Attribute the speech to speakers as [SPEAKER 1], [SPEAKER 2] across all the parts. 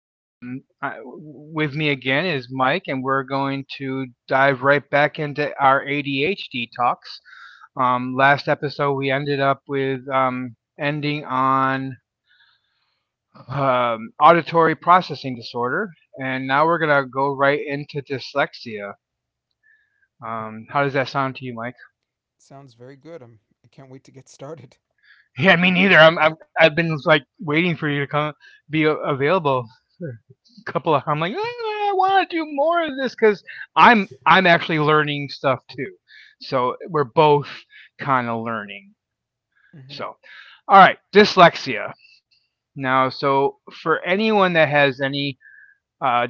[SPEAKER 1] With me again is Mike, and we're going to dive right back into our ADHD talks. Last episode, we ended up with ending on auditory processing disorder, and now we're gonna go right into dyslexia. How does that sound to you, Mike?
[SPEAKER 2] Sounds very good. I can't wait to get started.
[SPEAKER 1] Yeah, me neither. I've been like waiting for you to come available. For A couple of I'm like "Ah, I want to do more of this because I'm actually learning stuff too. So we're both kind of learning.
[SPEAKER 2] Mm-hmm.
[SPEAKER 1] So, all right, dyslexia. Now, for anyone that has any uh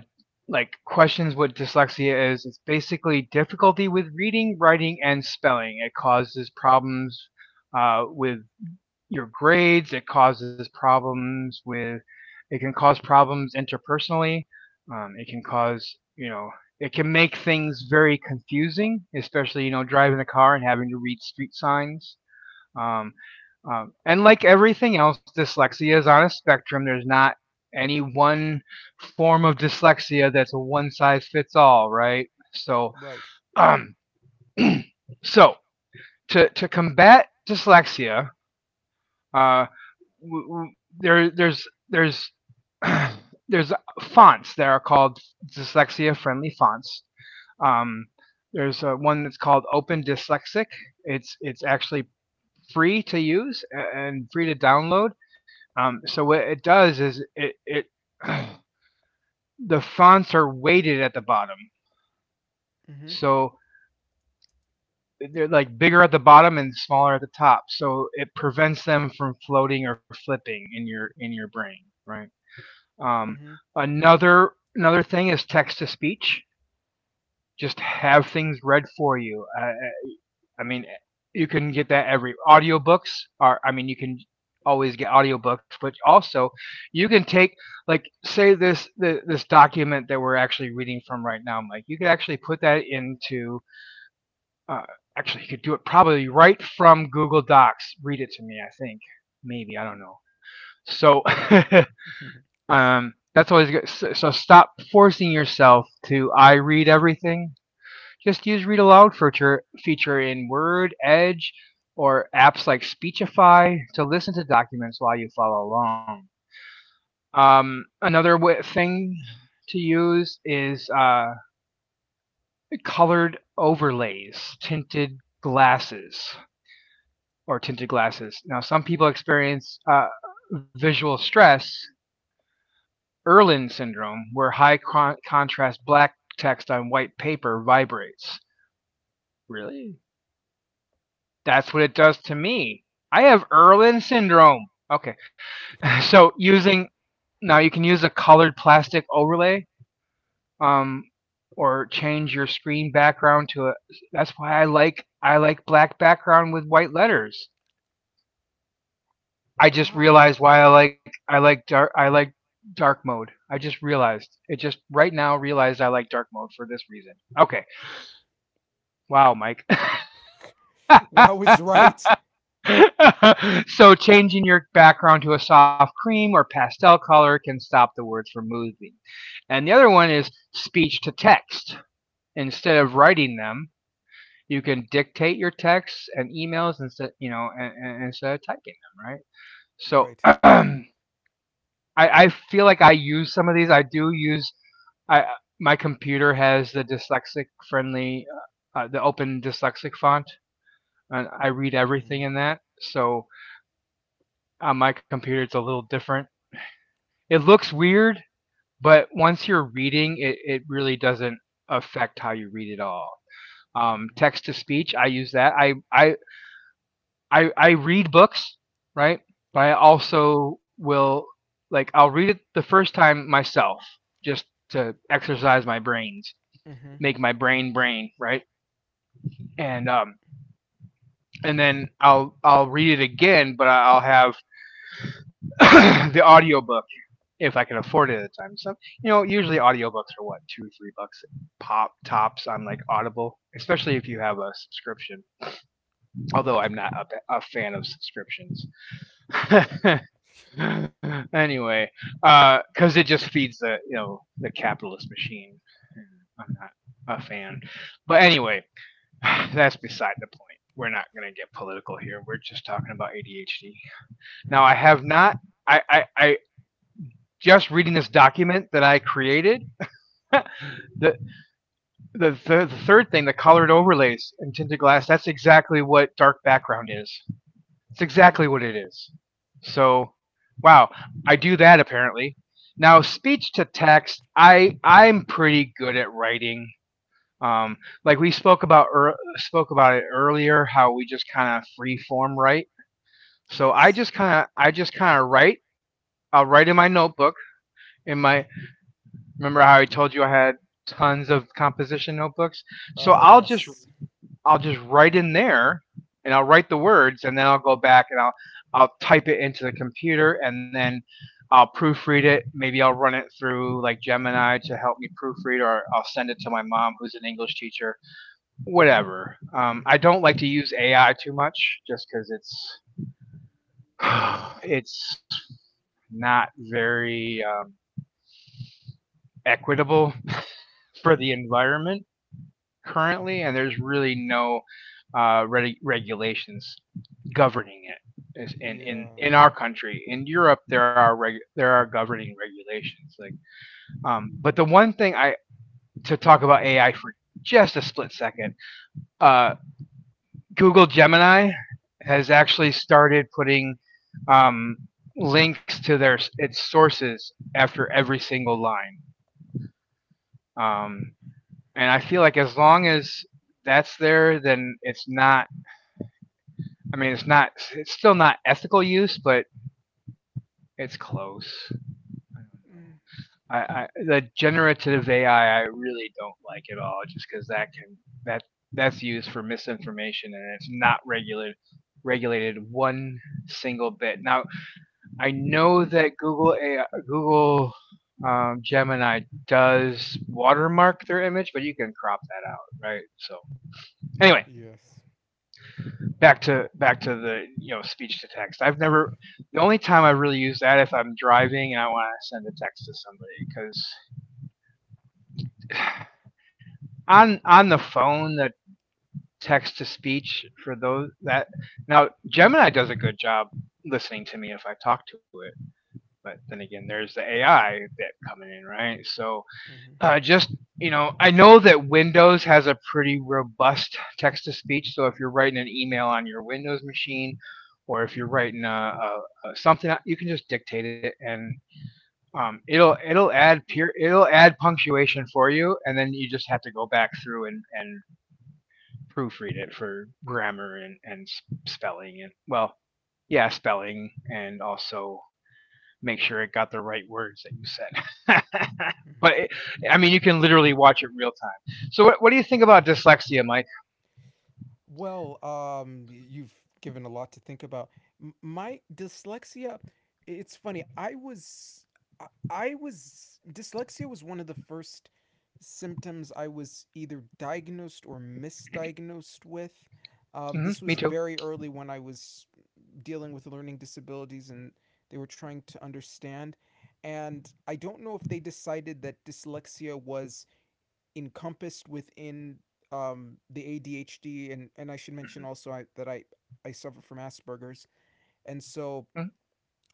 [SPEAKER 1] like questions what dyslexia is, it's basically difficulty with reading, writing, and spelling. It causes problems with your grades. It causes problems with. It can cause problems interpersonally. It can cause you know. It can make things very confusing, especially you know driving a car and having to read street signs. Um, and like everything else, dyslexia is on a spectrum. There's not any one form of dyslexia that's a one size fits all, right? So,
[SPEAKER 2] Right.
[SPEAKER 1] um, so, to combat dyslexia, uh, w- w- there there's there's fonts that are called dyslexia friendly fonts. Um, there's one that's called Open Dyslexic. It's actually free to use and free to download. So what it does is it the fonts are weighted at the bottom,
[SPEAKER 2] Mm-hmm.
[SPEAKER 1] so they're like bigger at the bottom and smaller at the top. So it prevents them from floating or flipping in your brain, right? Um,
[SPEAKER 2] Mm-hmm.
[SPEAKER 1] another thing is text to speech. Just have things read for you. I mean, you can get that every audiobooks are. I mean, you can always get audiobooks, but also you can take like this document that we're actually reading from right now, Mike. You could actually put that into. Uh, actually, you could do it probably right from Google Docs. Read it to me. I think maybe I don't know. So that's always good. So, stop forcing yourself to I read everything. Just use read aloud feature in Word, Edge, or apps like Speechify to listen to documents while you follow along. Thing to use is colored overlays, tinted glasses. Now, some people experience visual stress Erlen syndrome, where high contrast black text on white paper vibrates. Really? That's what it does to me. I have Erlen syndrome. Okay. So using now you can use a colored plastic overlay um, or change your screen background to a that's why I like black background with white letters. I just
[SPEAKER 2] Wow.
[SPEAKER 1] realized why I like dark mode. I just realized. It just right now realized I like dark mode for this reason. Okay. Wow, Mike.
[SPEAKER 2] Wow is right.
[SPEAKER 1] So changing your background to a soft cream or pastel color can stop the words from moving. And the other one is speech to text. Instead of writing them, you can dictate your texts and emails instead, you know, and instead of typing them, right? So
[SPEAKER 2] Right.
[SPEAKER 1] I feel like I use some of these. I do use. I My computer has the dyslexic friendly, the open dyslexic font, and I read
[SPEAKER 2] Mm-hmm.
[SPEAKER 1] everything in that. So on my computer it's a little different. It looks weird, but once you're reading, it really doesn't affect how you read at all. Text to speech, I use that. I read books, right? But I also will I'll read it the first time myself, just to exercise my brains,
[SPEAKER 2] Mm-hmm.
[SPEAKER 1] make my brain, right? And um and then I'll read it again, but I'll have the audiobook if I can afford it at the time. So you know, usually audiobooks are what two, three bucks pop tops on like Audible, especially if you have a subscription.
[SPEAKER 2] Right.
[SPEAKER 1] Although I'm not a fan of subscriptions. Anyway, because it just feeds the you know the capitalist machine. I'm not a fan. But anyway, that's beside the point. We're not going to get political here. We're just talking about ADHD. Now, I
[SPEAKER 2] Mm-hmm.
[SPEAKER 1] have not, I Just reading this document that I created, the the third thing, the colored overlays and tinted glass, that's exactly what dark background is. It's
[SPEAKER 2] Mm-hmm.
[SPEAKER 1] exactly what it is. So wow, I do that apparently. Now speech to text, I I'm pretty good at writing. Um, like we spoke about ear spoke about it earlier, how we just kind of free form write. So
[SPEAKER 2] Yes.
[SPEAKER 1] I just kind of write. I'll write in my notebook in my remember how I told you I had tons of composition notebooks. So
[SPEAKER 2] Yes.
[SPEAKER 1] I'll just write in there and I'll write the words and then I'll go back and I'll type it into the computer and then I'll proofread it. Maybe I'll run it through like Gemini to help me proofread, or I'll send it to my mom who's an English teacher. Whatever. I
[SPEAKER 2] Mm-hmm.
[SPEAKER 1] don't like to use AI too much just because it's it's not very equitable for the environment currently, and there's really
[SPEAKER 2] Mm-hmm.
[SPEAKER 1] no regulations governing it. is in, in
[SPEAKER 2] Yeah.
[SPEAKER 1] in our country, in Europe there are governing regulations like but the one thing I to talk about AI for just a split second. uh Google Gemini has actually started putting um links to their its sources after every single line. Um and i feel like as long as that's there then it's not. It's still not ethical use, but it's close. I don't know.
[SPEAKER 2] Mm-hmm.
[SPEAKER 1] I the generative AI I really don't like at all, just because that can that that's used for misinformation and it's not regulated one single bit. Now I know that Google AI, Google Gemini does watermark their image, but you can crop that out, right? So anyway,
[SPEAKER 2] Yes.
[SPEAKER 1] back to the you know speech to text. I've never The only time I really use that if I'm driving and I want to send a text to somebody because on the phone the text to speech for those that now Gemini does a good job listening to me if I talk to it. But then again, there's the AI bit coming in, right? So
[SPEAKER 2] Mm-hmm.
[SPEAKER 1] just you know, I know that Windows has a pretty robust text to speech. So if you're writing an email on your Windows machine, or if you're writing a something, you can just dictate it and it'll it'll add pure it'll add punctuation for you, and then you just have to go back through and, proofread it for grammar and, spelling and spelling and also make sure it got the right words that you said.
[SPEAKER 2] Mm-hmm.
[SPEAKER 1] but it, I mean, you can literally watch it real time. So what do you think about dyslexia, Mike?
[SPEAKER 2] You've given a lot to think about. My dyslexia, it's funny. I was, Dyslexia was one of the first symptoms I was either diagnosed or misdiagnosed with. This
[SPEAKER 1] Hmm,
[SPEAKER 2] was
[SPEAKER 1] me too.
[SPEAKER 2] very early when I was dealing with learning disabilities and they were trying to understand. And I don't know if they decided that dyslexia was encompassed within the ADHD, and I should mention also that I suffer from Asperger's, and so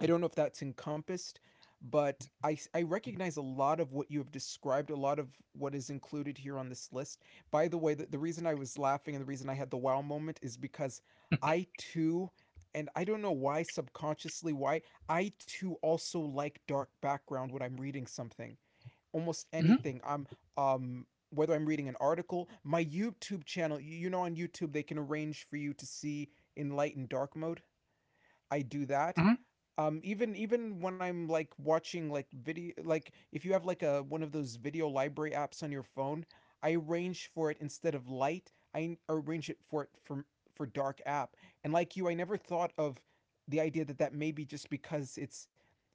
[SPEAKER 2] I don't know if that's encompassed, but I recognize a lot of what you have described, a lot of what is included here on this list. By the way, the reason I was laughing and the reason I had the wow moment is because I too. And I don't know why subconsciously why I too also like dark background when I'm reading something almost anything.
[SPEAKER 1] Mm-hmm.
[SPEAKER 2] I'm Whether I'm reading an article, my YouTube channel, you know on YouTube they can arrange for you to see in light and dark mode. I do that.
[SPEAKER 1] Hmm.
[SPEAKER 2] Even even when I'm like watching like video, like if you have like a one of those video library apps on your phone, I arrange for it instead of light, I arrange it for it for dark app. And like you, I never thought of the idea that that may be just because it's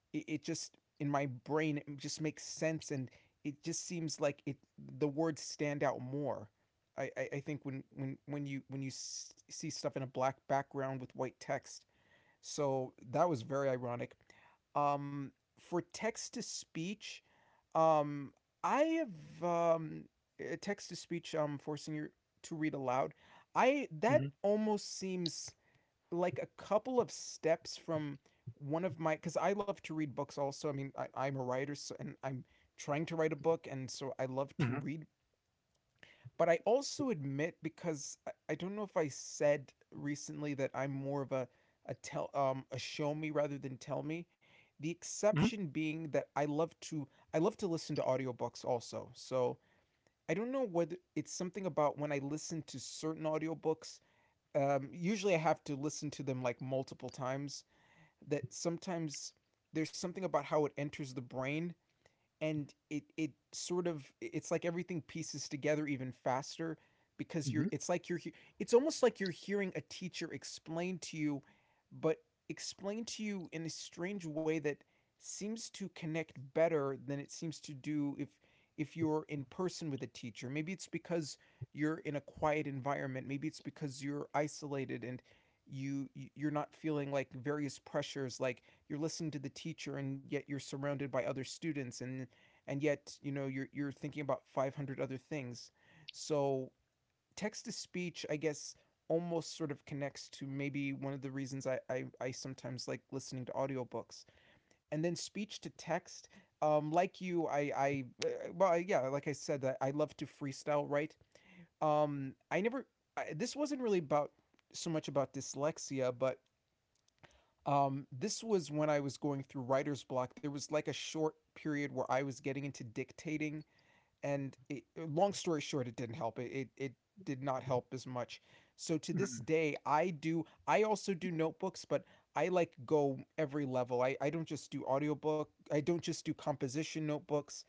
[SPEAKER 2] it, it just in my brain it just makes sense and it just seems like it the words stand out more. I think when, when you see stuff in a black background with white text. So that was very ironic. um for text to speech, um I have text to speech, forcing you to read aloud. I that
[SPEAKER 1] Hmm.
[SPEAKER 2] almost seems like a couple of steps from one of my, because I love to read books also. I mean, I'm a writer, so, and I'm trying to write a book, and so I love to
[SPEAKER 1] Hmm.
[SPEAKER 2] read. But I also admit, because I don't know if I said recently that I'm more of a tell, a show me rather than tell me. The
[SPEAKER 1] Hmm.
[SPEAKER 2] exception being that I love to listen to audiobooks also. So I don't know whether it's something about when I listen to certain audiobooks. Usually I have to listen to them like multiple times, that sometimes there's something about how it enters the brain, and it sort of, it's like everything pieces together even faster because you're
[SPEAKER 1] Hmm.
[SPEAKER 2] it's like you're, it's almost like you're hearing a teacher explain to you, but explain to you in a strange way that seems to connect better than it seems to do if you're in person with a teacher. Maybe it's because you're in a quiet environment. Maybe it's because you're isolated, and you're not feeling like various pressures, like you're listening to the teacher and yet you're surrounded by other students, and yet you know you're thinking about 500 other things. So text to speech, I guess, almost sort of connects to maybe one of the reasons I sometimes like listening to audiobooks. And then speech to text, like you I well yeah, like I said, I love to freestyle write. I never I, This wasn't really about so much about dyslexia. But this was when I was going through writer's block. There was like a short period where I was getting into dictating, and long story short, it didn't help. It did not help as much. So to this
[SPEAKER 1] Hmm.
[SPEAKER 2] day, I also do notebooks. But I like go every level. I don't just do audiobook, I don't just do composition notebooks.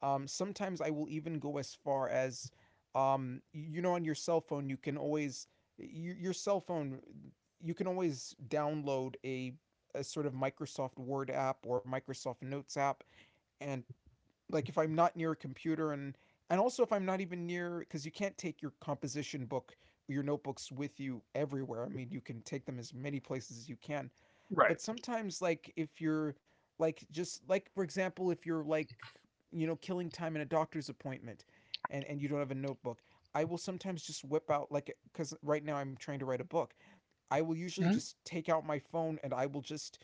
[SPEAKER 2] Um, sometimes I will even go as far as, you know, on your cell phone you can always your cell phone, you can always download a sort of Microsoft Word app or Microsoft Notes app, and like if I'm not near a computer, and also if I'm not even near, because you can't take your composition book, your notebooks with you everywhere. I mean, you can take them as many places as you can. But
[SPEAKER 1] Right.
[SPEAKER 2] sometimes, like if you're like, just like for example, if you're like, you know, killing time in a doctor's appointment, and you don't have a notebook, I will sometimes just whip out, like, cuz right now I'm trying to write a book. I will usually
[SPEAKER 1] Hmm.
[SPEAKER 2] just take out my phone and I will just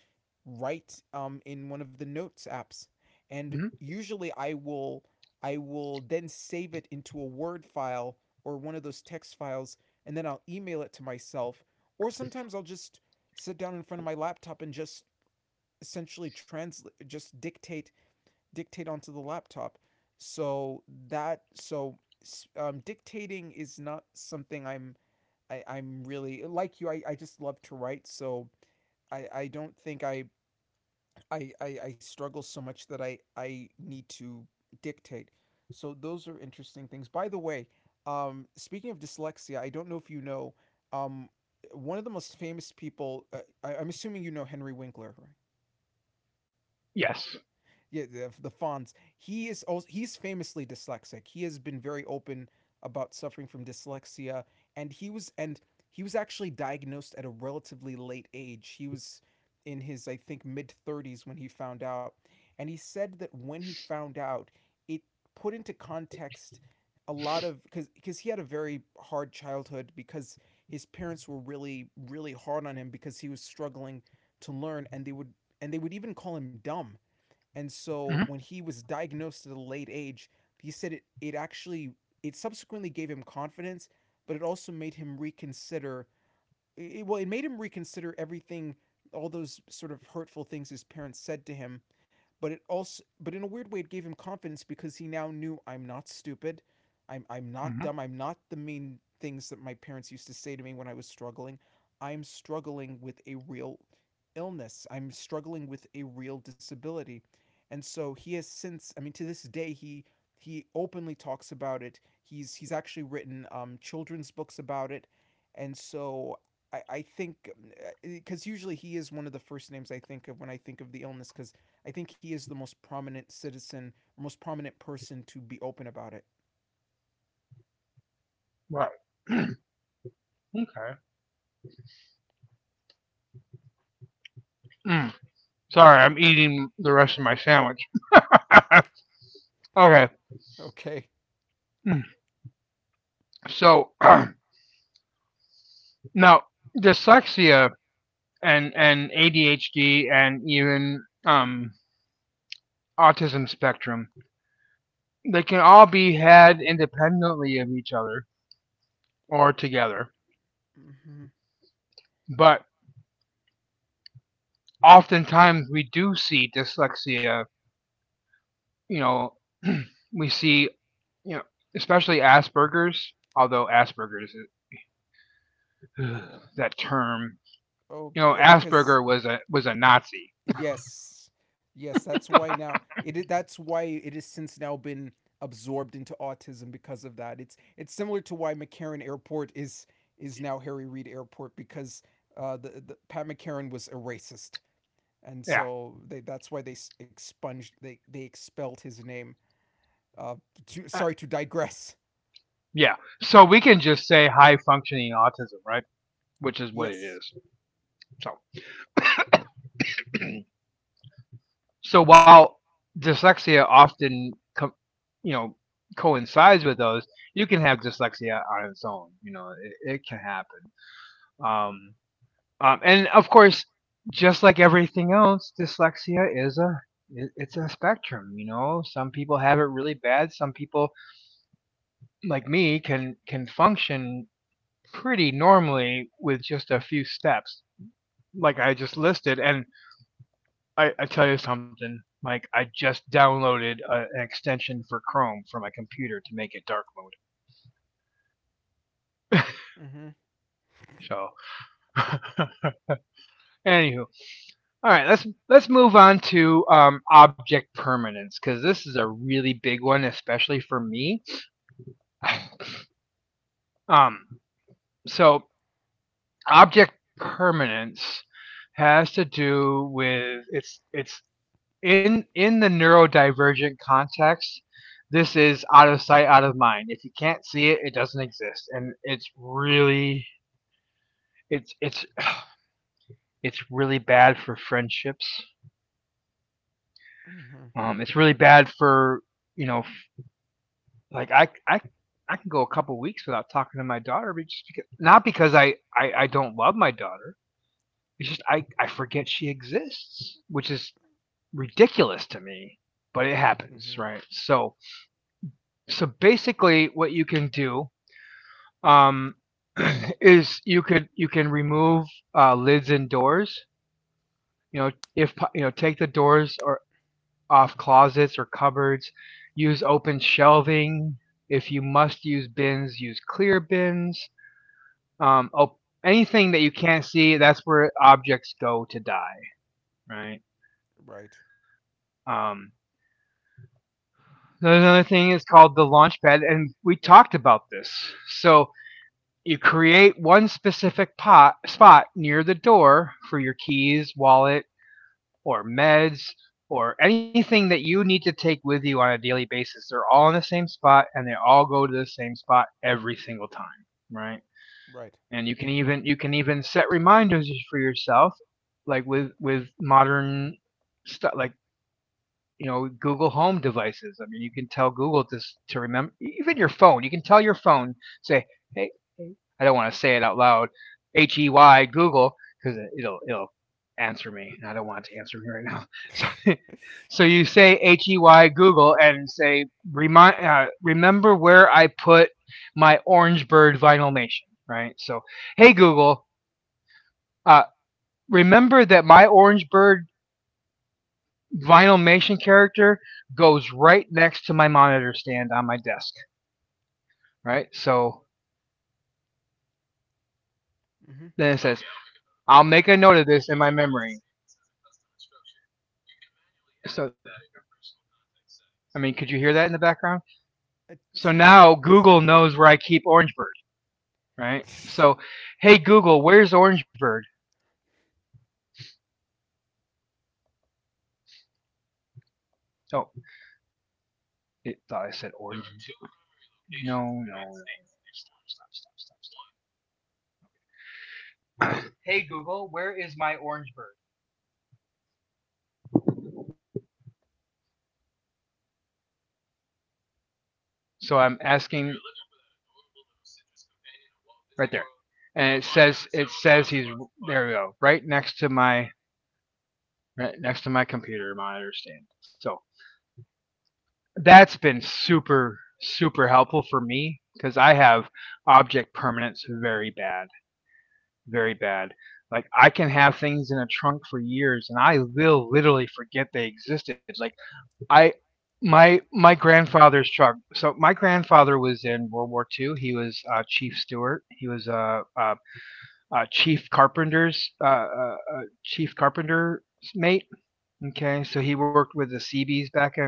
[SPEAKER 2] write, in one of the notes apps. And
[SPEAKER 1] Hmm.
[SPEAKER 2] usually I will then save it into a Word file or one of those text files, and then I'll email it to myself. Or sometimes I'll just sit down in front of my laptop and just essentially translate, just dictate, onto the laptop. So that so Um, dictating is not something I'm, I'm really like you. I just love to write, so I don't think I struggle so much that I need to dictate. So those are interesting things. By the way, speaking of dyslexia, I don't know if you know, um, one of the most famous people. I'm assuming you know Henry Winkler, right?
[SPEAKER 1] Yes.
[SPEAKER 2] Yeah, the fonts. He is also, he's famously dyslexic. He has been very open about suffering from dyslexia, and he was actually diagnosed at a relatively late age. He was in his, I think, mid 30s when he found out, and he said that when he found out, it put into context a lot of, because he had a very hard childhood, because his parents were really really hard on him because he was struggling to learn, and they would even call him dumb. And
[SPEAKER 1] Hmm.
[SPEAKER 2] so when he was diagnosed at a late age, he said it actually, it subsequently gave him confidence, but it also made him reconsider, it made him reconsider everything, all those sort of hurtful things his parents said to him. But it also, but in a weird way, it gave him confidence because he now knew I'm not stupid, I'm not
[SPEAKER 1] Hmm.
[SPEAKER 2] dumb, I'm not the mean things that my parents used to say to me when I was struggling. I'm struggling with a real illness. I'm struggling with a real disability. And so he has since, I mean, to this day, he openly talks about it. He's actually written, children's books about it, and so I think, because usually he is one of the first names I think of when I think of the illness, because I think he is the most prominent citizen, most prominent person to be open about it.
[SPEAKER 1] Right. Okay. Mm. Sorry, I'm eating the rest of my sandwich. Okay.
[SPEAKER 2] Okay.
[SPEAKER 1] Mm. So. Now, Dyslexia and ADHD and even autism spectrum, they can all be had independently of each other or together.
[SPEAKER 2] Mm-hmm.
[SPEAKER 1] But oftentimes we do see dyslexia. You know, we see you know especially Asperger's. Although Asperger's that term,
[SPEAKER 2] Oh,
[SPEAKER 1] you know,
[SPEAKER 2] because
[SPEAKER 1] Asperger was a Nazi.
[SPEAKER 2] yes, yes, that's why now it, that's why it has since now been absorbed into autism because of that. It's similar to why McCarran Airport is now Harry Reid Airport because the Pat McCarran was a racist. And
[SPEAKER 1] Yeah,
[SPEAKER 2] so they, that's why they expunged, they expelled his name. Uh, to,
[SPEAKER 1] uh,
[SPEAKER 2] sorry to digress.
[SPEAKER 1] yeah. So we can just say high functioning autism, right? Which is what it
[SPEAKER 2] Yes.
[SPEAKER 1] is. So, so while dyslexia you know, coincides with those, you can have dyslexia on its own. You know, it can happen. Um, and of course, just like everything else, dyslexia is it's a spectrum. You know, some people have it really bad. Some people, like me, can function pretty normally with just a few steps, like I just listed, and I tell you something, Mike. I just downloaded an extension for Chrome for my computer to make it dark mode.
[SPEAKER 2] Mm-hmm.
[SPEAKER 1] So, anywho, all right, let's move on to object permanence because this is a really big one, especially for me. Um, so, object permanence has to do with it's in the neurodivergent context, this is out of sight, out of mind. If you can't see it, it doesn't exist, and it's really it's it's really bad for friendships.
[SPEAKER 2] Mm-hmm.
[SPEAKER 1] It's really bad for you know, like I can go a couple weeks without talking to my daughter, but just because, not because I don't love my daughter. It's just I forget she exists, which is ridiculous to me, but it happens,
[SPEAKER 2] Mm-hmm.
[SPEAKER 1] right? So basically, what you can do um, is you can remove lids and doors. You know, if po- you know, take the doors or off closets or cupboards. Use open shelving. If you must use bins, use clear bins. Um, op- anything that you can't see, that's where objects go to die. Right.
[SPEAKER 2] Right.
[SPEAKER 1] Um, there's another thing is called the launch pad, and we talked about this. So you create one specific pot spot near the door for your keys, wallet, or meds, or anything that you need to take with you on a daily basis. They're all in the same spot and they all go to the same spot every single time, right?
[SPEAKER 2] Right.
[SPEAKER 1] And you can even set reminders for yourself, like with modern stuff, like you know, Google Home devices. I mean, you can tell Google to remember. Even your phone, you can tell your phone, say hey, hey," I don't want to say it out loud, H E Y Google, cuz it'll answer me and I don't want it to answer me right now. So so you say H E Y Google and say, remind remember where I put my orange bird vinyl nation, right? So hey Google, uh remember that my orange bird Vinylmation character goes right next to my monitor stand on my desk, right? So
[SPEAKER 2] Mm-hmm.
[SPEAKER 1] then it says, I'll make a note of this in my memory. So, I mean, could you hear that in the background?
[SPEAKER 2] A
[SPEAKER 1] So
[SPEAKER 2] teeny
[SPEAKER 1] now
[SPEAKER 2] teeny
[SPEAKER 1] Google
[SPEAKER 2] bit.
[SPEAKER 1] knows where I keep Orangebird, right? So, hey Google, where's Orangebird? Oh, it thought I said Orange. No, no. Hey Google, where is my Orangebird? So I'm asking right there. And it says he's there. We go right next to my right next to my computer monitor stand. So that's been super super helpful for me because I have object permanence very bad, very bad. Like I can have things in a trunk for years and I will literally forget they existed. Like I my grandfather's truck. So my grandfather was in World War Two. He was chief steward. He was a chief carpenter's mate. Okay, so he worked with the Seabees back in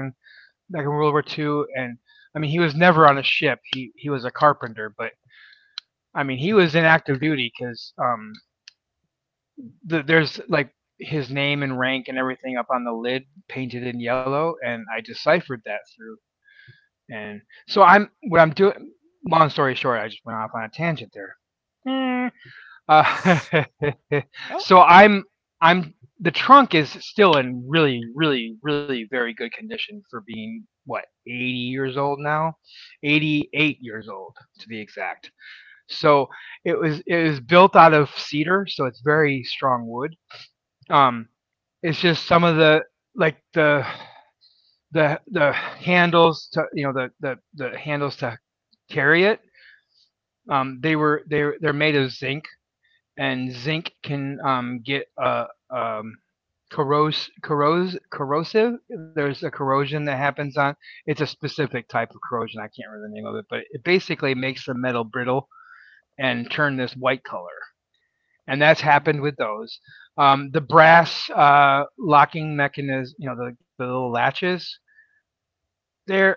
[SPEAKER 1] World War Two, and I mean he was never on a ship. He was a carpenter, but I mean he was in active duty because there's like his name and rank and everything up on the lid painted in yellow, and I deciphered that through. And so I'm what I'm doing. Long story short, I just went off on a tangent there. Mm. Uh, so
[SPEAKER 2] Ah.
[SPEAKER 1] I'm, the trunk is still in really really really very good condition for being what 80 years old now, 88 years old to be exact. So it was built out of cedar, so it's very strong wood. Um, it's just some of the, like the the handles to, you know, the handles to carry it. They were they they're made of zinc and zinc can get a um, corrosive. There's a corrosion that happens on. It's a specific type of corrosion. I can't remember the name of it, but it basically makes the metal brittle and turn this white color. And that's
[SPEAKER 2] Mm-hmm.
[SPEAKER 1] happened with those. The brass locking mechanism, you know, the little latches, they're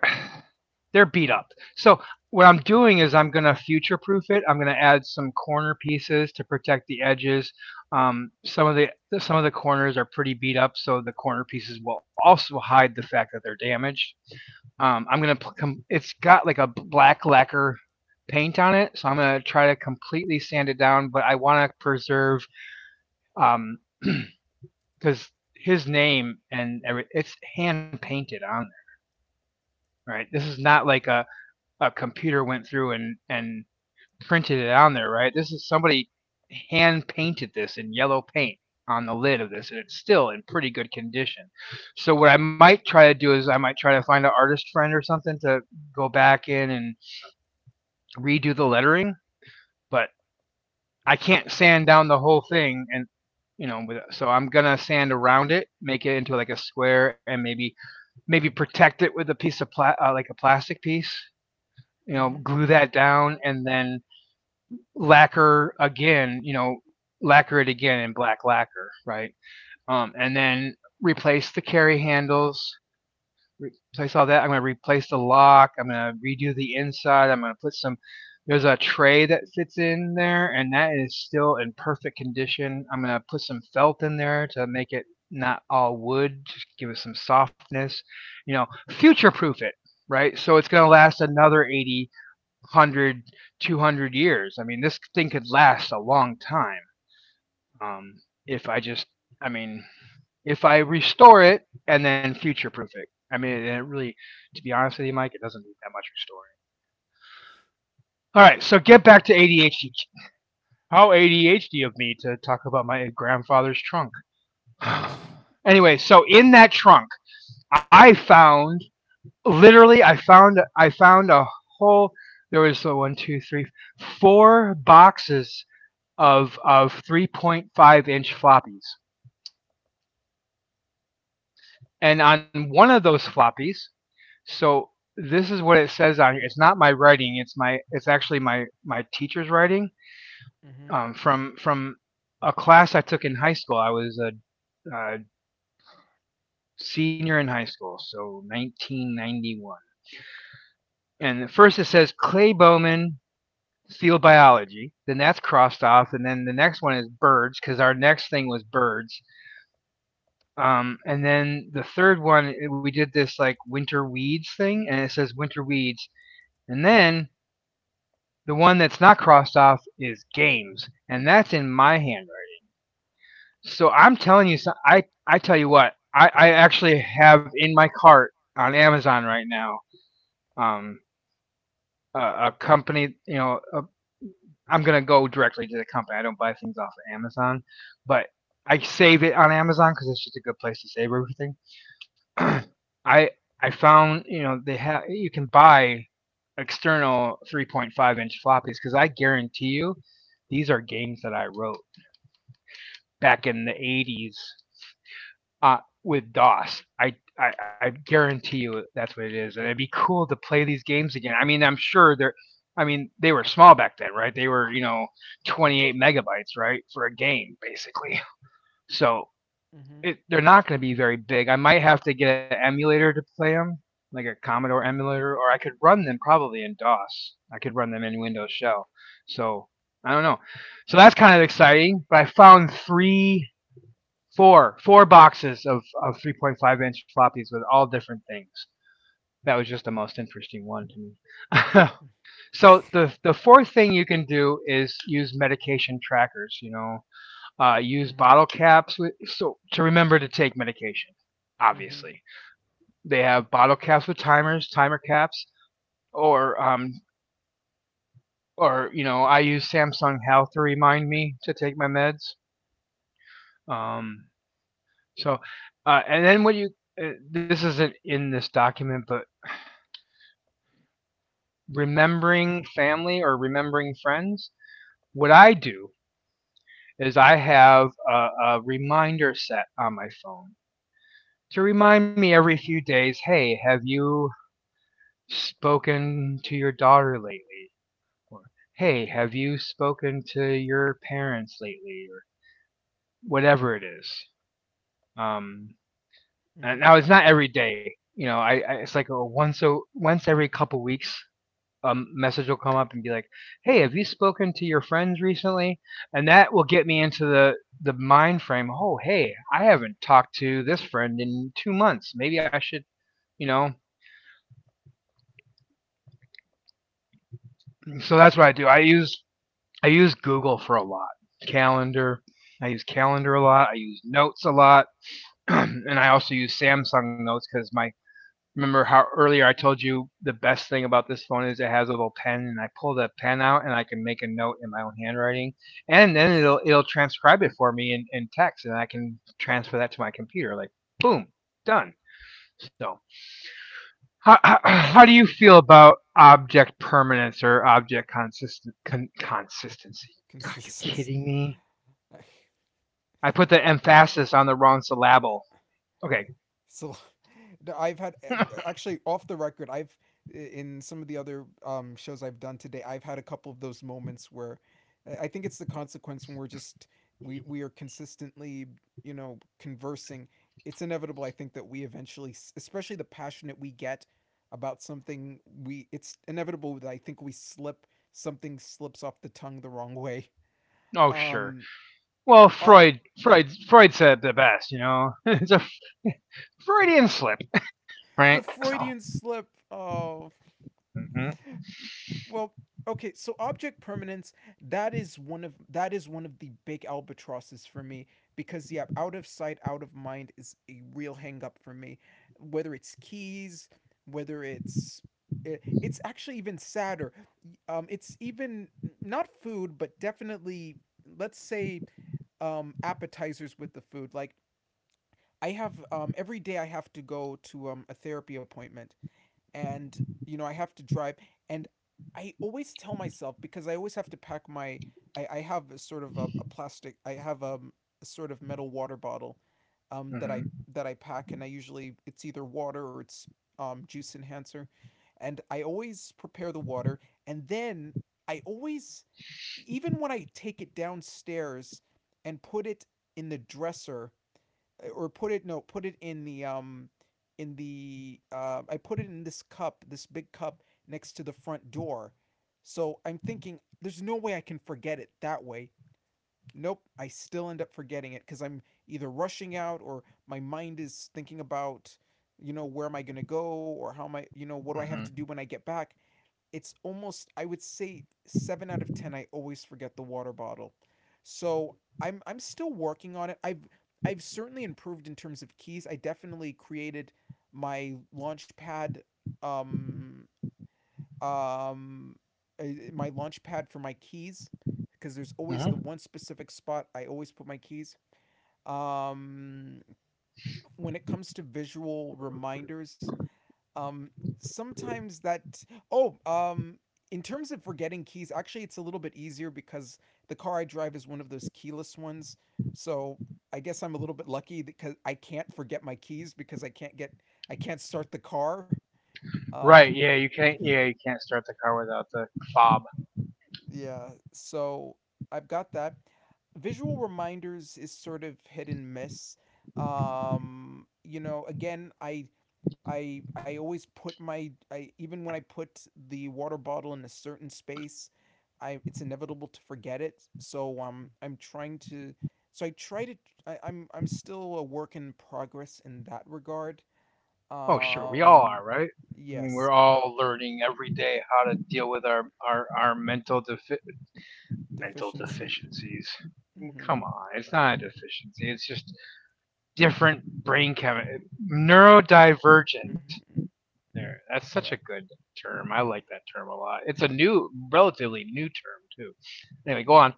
[SPEAKER 1] beat
[SPEAKER 2] Mm-hmm.
[SPEAKER 1] up. So what I'm doing is I'm going to future proof it. I'm going to add some corner pieces to protect the edges. Um, some of the some of the corners are pretty beat up, so the corner pieces will also hide the fact that they're damaged. I'm going to it's got like a black lacquer paint on it, so I'm going to try to completely sand it down, but I want to preserve, um, because his name and every, it's hand painted on there, right? This is not like a computer went through and printed it on there, right? This is somebody hand painted this in yellow paint on the lid of this, and it's still in pretty good condition. So what I might try to do is I might try to find an artist friend or something to go back in and redo the lettering, but I can't sand down the whole thing, and you know, so I'm gonna sand around it, make it into like a square, and maybe protect it with a piece of like a plastic piece. You know,
[SPEAKER 2] Mm-hmm.
[SPEAKER 1] glue that down, and then lacquer again, you know, lacquer it again in black lacquer, right? And then replace the carry handles, replace all that. I'm going to replace the lock. I'm going to redo the inside. I'm going to put some. There's a tray that fits in there, and that is still in perfect condition. I'm going to put some felt in there to make it not all wood, just give it some softness. You know, future proof it, right? So it's going to last another 80, one hundred, 200 years. I mean, this thing could last a long time, um, if I just, I mean, if I restore it and then future proof, I mean it, really, to be honest with you Mike, it doesn't need that much restoring. All right, so get back to ADHD. How ADHD of me to talk about my grandfather's trunk. Anyway, so in that trunk I found, literally, I found a whole, there was one, two, three, four boxes of 3.5-inch floppies. And on one of those floppies, so this is what it says on here. It's not my writing. It's my, it's actually my teacher's writing,
[SPEAKER 2] Mm-hmm.
[SPEAKER 1] from a class I took in high school. I was a senior in high school, so 1991. And first it says Clay Bowman field biology. Then that's crossed off, and then the next one is birds because our next thing was birds. And then the third one, eh, we did this like winter weeds thing, and it says winter weeds. And then the one that's not crossed off is games, and that's in my handwriting. So I'm telling you, I tell you what, I actually have in my cart on Amazon right now, um, a, a company, you know, a, I'm gonna go directly to the company. I don't buy things off of Amazon, but I save it on Amazon because it's just a good place to save everything. I I found, you know, they have, you can buy external 3.5-inch floppies because I guarantee you these are games that I wrote back in the 80s with DOS. I guarantee you that's what it is, and it'd be cool to play these games again. I mean, I'm sure they're. I mean, they were small back then, right? They were, you know, 28 megabytes, right, for a game, basically. So it, they're not going to be very big. I might have to get an emulator to play them, like a Commodore emulator, or I could run them probably in DOS. I could run them in Windows Shell. So I don't know. So that's kind of exciting. But I found three, four boxes of 3.5-inch floppies with all different things. That was just the most interesting one to me. so the fourth thing you can do is use medication trackers. You know, use
[SPEAKER 2] Mm-hmm.
[SPEAKER 1] bottle caps with, so to remember to take medication.
[SPEAKER 2] Mm-hmm.
[SPEAKER 1] Obviously, they have bottle caps with timers, timer caps, or um, or you know, I use Samsung Health to remind me to take my meds. Um, so, and then what you this isn't in this document, but remembering family or remembering friends. What I do is I have a reminder set on my phone to remind me every few days, hey, have you spoken to your daughter lately? Or, hey, have you spoken to your parents lately? Or whatever it is. Um, and
[SPEAKER 2] Mm-hmm.
[SPEAKER 1] now it's not every day. You know, I it's like a once every couple weeks, a message will come up and be like, hey, have you spoken to your friends recently? And that will get me into the mind frame. Oh, hey, I haven't talked to this friend in 2 months. Maybe I should. You know, so that's what I do. I use Google for a lot. Calendar. I use Calendar a lot. I use Notes a lot, and I also use Samsung Notes because my remember how earlier I told you the best thing about this phone is it has a little pen, and I pull that pen out and I can make a note in my own handwriting, and then it'll
[SPEAKER 2] Yes.
[SPEAKER 1] it'll transcribe it for me in text, and I can transfer that to my computer. Like boom, done. So how do you feel about object permanence or object consistency? Are you
[SPEAKER 2] Consistency.
[SPEAKER 1] kidding me? I put the
[SPEAKER 2] A.
[SPEAKER 1] emphasis on the wrong syllable. Okay.
[SPEAKER 2] So no, I've had eh, actually off the record, I've, in some of the other, shows I've done today, I've had a couple of those moments where I think it's the consequence when we're just we are consistently, you know, conversing. It's inevitable, I think, that we eventually, especially the passionate we get about something, we it's inevitable that I think we slip, something slips off the tongue the wrong way.
[SPEAKER 1] Oh, sure.
[SPEAKER 2] Um,
[SPEAKER 1] Well,
[SPEAKER 2] uh,
[SPEAKER 1] Freud said it the best. You know, it's a Freudian slip, right?
[SPEAKER 2] the
[SPEAKER 1] So.
[SPEAKER 2] Freudian slip. Oh,
[SPEAKER 1] Mm hmm.
[SPEAKER 2] well, okay, so object permanence, that is one of the big albatrosses for me because yeah, out of sight out of mind is a real hang up for me, whether it's keys, whether it's it's actually even sadder. It's even, not food but definitely, let's say appetizers with the food. Like I have, every day I have to go to a therapy appointment, and you know I have to drive, and I always tell myself because I always have to pack my, I have a sort of a plastic, I have a sort of metal water bottle that
[SPEAKER 1] Mm
[SPEAKER 2] I
[SPEAKER 1] hmm.
[SPEAKER 2] pack, and I usually it's either water or it's juice enhancer. And I always prepare the water, and then I always, even when I take it downstairs and put it in the dresser, or put it, no, put it in the I put it in this cup, this big cup next to the front door. So I'm thinking there's no way I can forget it that way. Nope, I still end up forgetting it cuz I'm either rushing out or my mind is thinking about, you know, where am I going to go, or how am I, you know, what do I
[SPEAKER 1] Mm
[SPEAKER 2] have to do
[SPEAKER 1] hmm.
[SPEAKER 2] when I get back? It's almost, I would say, 7 out of 10 I always forget the water bottle. So I'm still working on it. I've certainly improved in terms of keys. I definitely created my launch pad, um um uh, my launch pad for my keys, because there's always
[SPEAKER 1] Mm
[SPEAKER 2] the
[SPEAKER 1] hmm.
[SPEAKER 2] one specific spot I always put my keys. Um when it comes to visual reminders, um, sometimes that. Oh, in terms of forgetting keys, actually, it's a little bit easier because the car I drive is one of those keyless ones. So I guess I'm a little bit lucky because I can't forget my keys because I can't start the car.
[SPEAKER 1] Right.
[SPEAKER 2] Um,
[SPEAKER 1] Yeah. You can't. Yeah. You can't start the car without the fob.
[SPEAKER 2] yeah, so I've got that. Visual reminders is sort of hit and miss. You know, again, I always put my, I even when I put the water bottle in a certain space, I, it's inevitable to forget it. So I'm trying to, so I try to, I'm still a work in progress in that regard.
[SPEAKER 1] Oh, sure. We all
[SPEAKER 2] Um
[SPEAKER 1] are, right? I mean,
[SPEAKER 2] yes,
[SPEAKER 1] we're all learning every day how to deal with our mental
[SPEAKER 2] deficiency.
[SPEAKER 1] deficiencies.
[SPEAKER 2] Mhm.
[SPEAKER 1] Come on, it's not a deficiency. It's just different brain chemistry, neurodivergent.
[SPEAKER 2] Mhm.
[SPEAKER 1] There, that's such a
[SPEAKER 2] Yeah.
[SPEAKER 1] good term. I like that term a lot. It's a new, relatively new term too. Anyway, go on.
[SPEAKER 2] Mhm.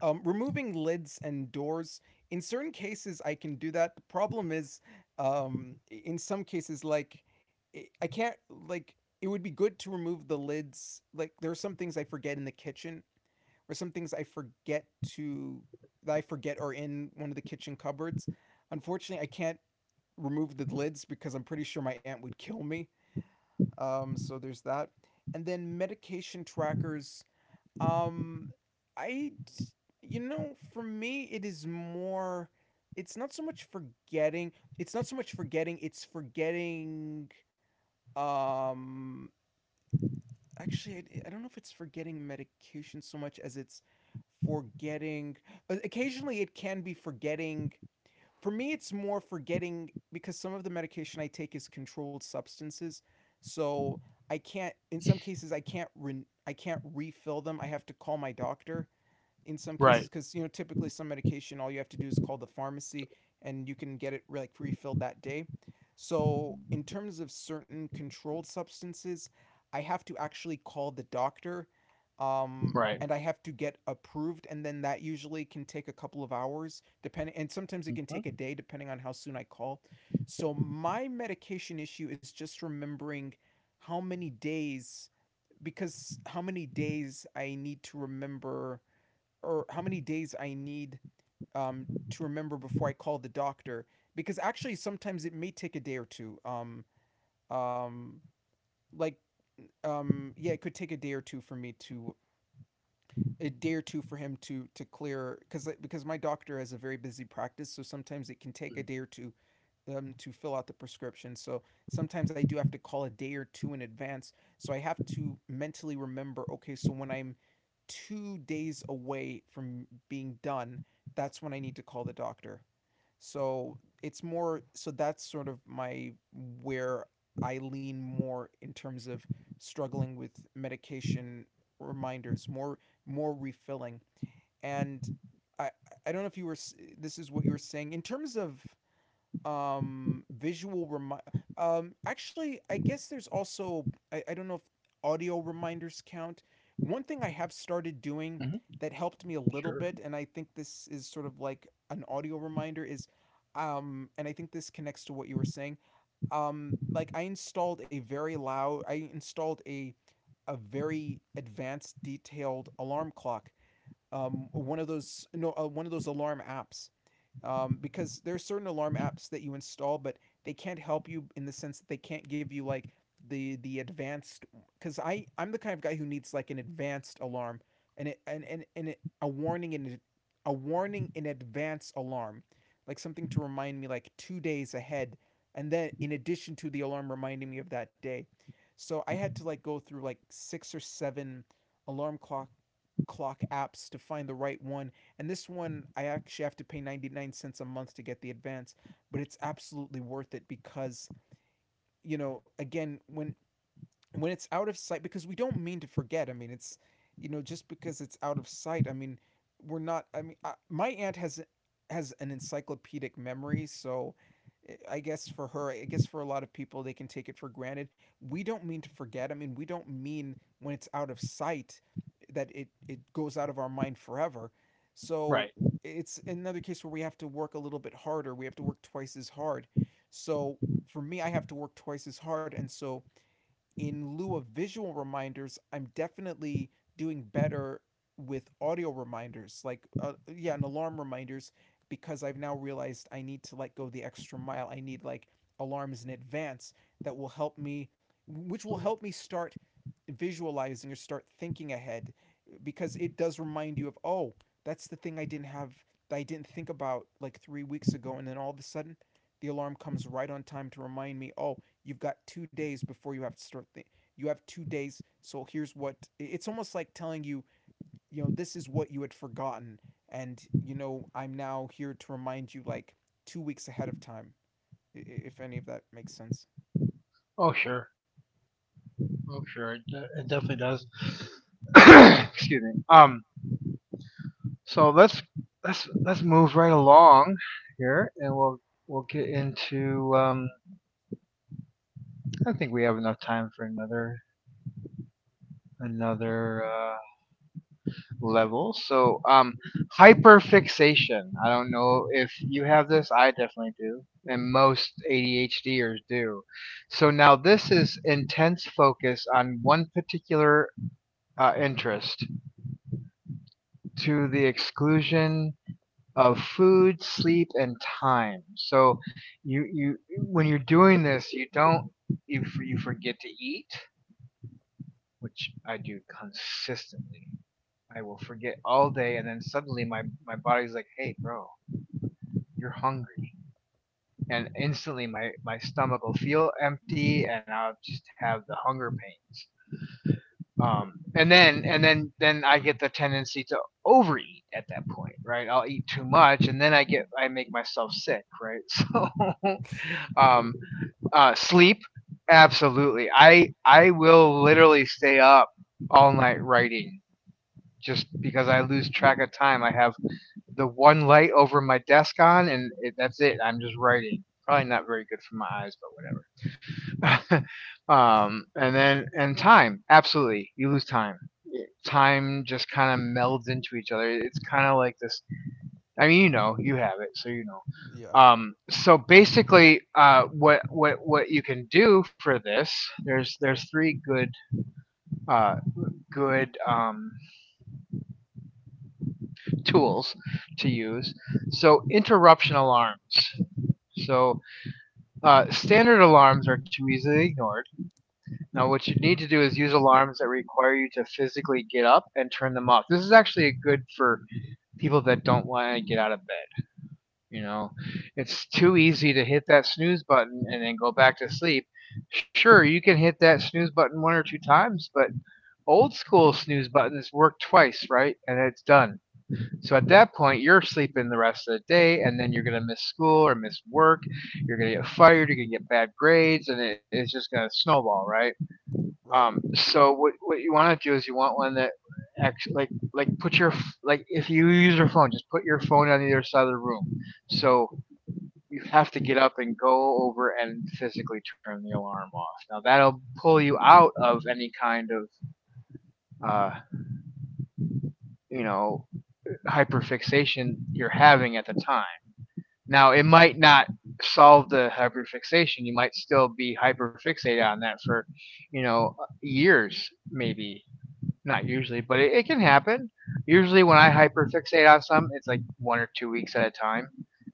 [SPEAKER 2] Removing lids and doors, in certain cases, I can do that. The problem is, in some cases, like, I can't, like, it would be good to remove the lids. Like, there are some things I forget in the kitchen, or some things I forget to, that I forget are in one of the kitchen cupboards. Unfortunately, I can't remove the lids because I'm pretty sure my aunt would kill me. So there's that. And then medication trackers, um, I, you know, for me, it is more. It's not so much forgetting. It's not so much forgetting. It's forgetting. Um, Actually, I don't know if it's forgetting medication so much as it's forgetting. Occasionally, it can be forgetting. For me, it's more forgetting because some of the medication I take is controlled substances, so I can't. In some cases, I can't. I can't refill them. I have to call my doctor in some
[SPEAKER 1] Right,
[SPEAKER 2] cases, because you know typically some medication all you have to do is call the pharmacy and you can get it like refilled that day. So in terms of certain controlled substances, I have to actually call the doctor,
[SPEAKER 1] right.
[SPEAKER 2] and I have to get approved, and then that usually can take a couple of hours depending, and sometimes it can take a day depending on how soon I call. So my medication issue is just remembering how many days, because how many days I need to remember, or how many days I need, to remember before I call the doctor. Because actually, sometimes it may take a day or two. Um, like, yeah, it could take a day or two for me to, a day or two for him to clear, because my doctor has a very busy practice, so sometimes it can take a day or two to fill out the prescription. So sometimes I do have to call a day or two in advance. So I have to mentally remember, okay, so when I'm 2 days away from being done, that's when I need to call the doctor. So it's more, so that's sort of my where I lean more in terms of struggling with medication reminders, more, more refilling. And I I don't know if you were, this is what you were saying in terms of visual remind, actually I guess there's also, I don't know if audio reminders count. One thing I have started doing
[SPEAKER 1] Mhm.
[SPEAKER 2] that helped me a little
[SPEAKER 1] Sure.
[SPEAKER 2] bit, and I think this is sort of like an audio reminder, is and I think this connects to what you were saying, like I installed a very advanced detailed alarm clock, one of those, no, one of those alarm apps, because there are certain alarm apps that you install, but they can't help you in the sense that they can't give you like the advanced. Because I'm the kind of guy who needs like an advanced alarm, and it, a warning in advance alarm, like something to remind me like 2 days ahead, and then in addition to the alarm reminding me of that day. So I had to like go through like six or seven alarm clock apps to find the right one, and this one, I actually have to pay 99¢ a month to get the advance, but it's absolutely worth it because, you know, again, when it's out of sight, because we don't mean to forget. I mean, it's, you know, just because it's out of sight, I mean, we're not, I mean, my aunt has an encyclopedic memory, so guess for her, I guess for a lot of people, they can take it for granted. We don't mean to forget, I mean, we don't mean, when it's out of sight, that it goes out of our mind forever.
[SPEAKER 1] Right.
[SPEAKER 2] So it's another case where we have to work a little bit harder. We have to work twice as hard. So for me, I have to work twice as hard. And so, in lieu of visual reminders, I'm definitely doing better with audio reminders, like yeah, and alarm reminders, because I've now realized I need to like go the extra mile. I need like alarms in advance that will help me, which will help me start visualizing or start thinking ahead, because it does remind you of, oh, that's the thing I didn't have, that I didn't think about like 3 weeks ago, and then all of a sudden, the alarm comes right on time to remind me, oh, you've got 2 days before you have to start. You have 2 days. So here's what, it's almost like telling you, you know, this is what you had forgotten. And, you know, I'm now here to remind you like 2 weeks ahead of time, if any of that makes sense.
[SPEAKER 1] Oh, sure. Oh, sure. It definitely does. Excuse me. So let's move right along here, and we'll get into. I think we have enough time for another level. So, hyperfixation. I don't know if you have this. I definitely do, and most ADHDers do. So now this is intense focus on one particular interest to the exclusion of food, sleep, and time. So you, when you're doing this, you don't you you forget to eat, which I do consistently. I will forget all day, and then suddenly my body's like, "Hey, bro, you're hungry. And instantly my stomach will feel empty and I'll just have the hunger pains. And then then I get the tendency to overeat at that point, right? I'll eat too much and then I make myself sick, right? So um, sleep, absolutely. I will literally stay up all night writing just because I lose track of time. I have the one light over my desk on, and that's it. I'm just writing. Probably not very good for my eyes, but whatever. And then and time, absolutely, you lose time. Time just kind of melds into each other. It's kind of like this. I mean, you know, you have it, so you know.
[SPEAKER 2] Yeah.
[SPEAKER 1] So basically, what you can do for this? There's three good uh, good um, tools to use. So interruption alarms. So Standard alarms are too easily ignored. Now, what you need to do is use alarms that require you to physically get up and turn them off. This is actually good for people that don't want to get out of bed. You know, it's too easy to hit that snooze button and then go back to sleep. Sure, you can hit that snooze button one or two times, but old school snooze buttons work twice, right? And it's done. So at that point, you're sleeping the rest of the day, and then you're going to miss school or miss work. You're going to get fired. You're going to get bad grades, and it's just going to snowball, right?
[SPEAKER 2] Right.
[SPEAKER 1] So what you want to do is you want one that actually like put your like if you use your phone, just put your phone on the other side of the room. So you have to get up and go over and physically turn the alarm off. Now that'll pull you out of any kind of uh, you know, hyperfixation you're having at the time. Now, it might not solve the hyperfixation. You might still be hyperfixated on that for, you know, years, maybe. Not usually, but it can happen. Usually, when I hyperfixate on something, it's like 1 or 2 weeks at a time.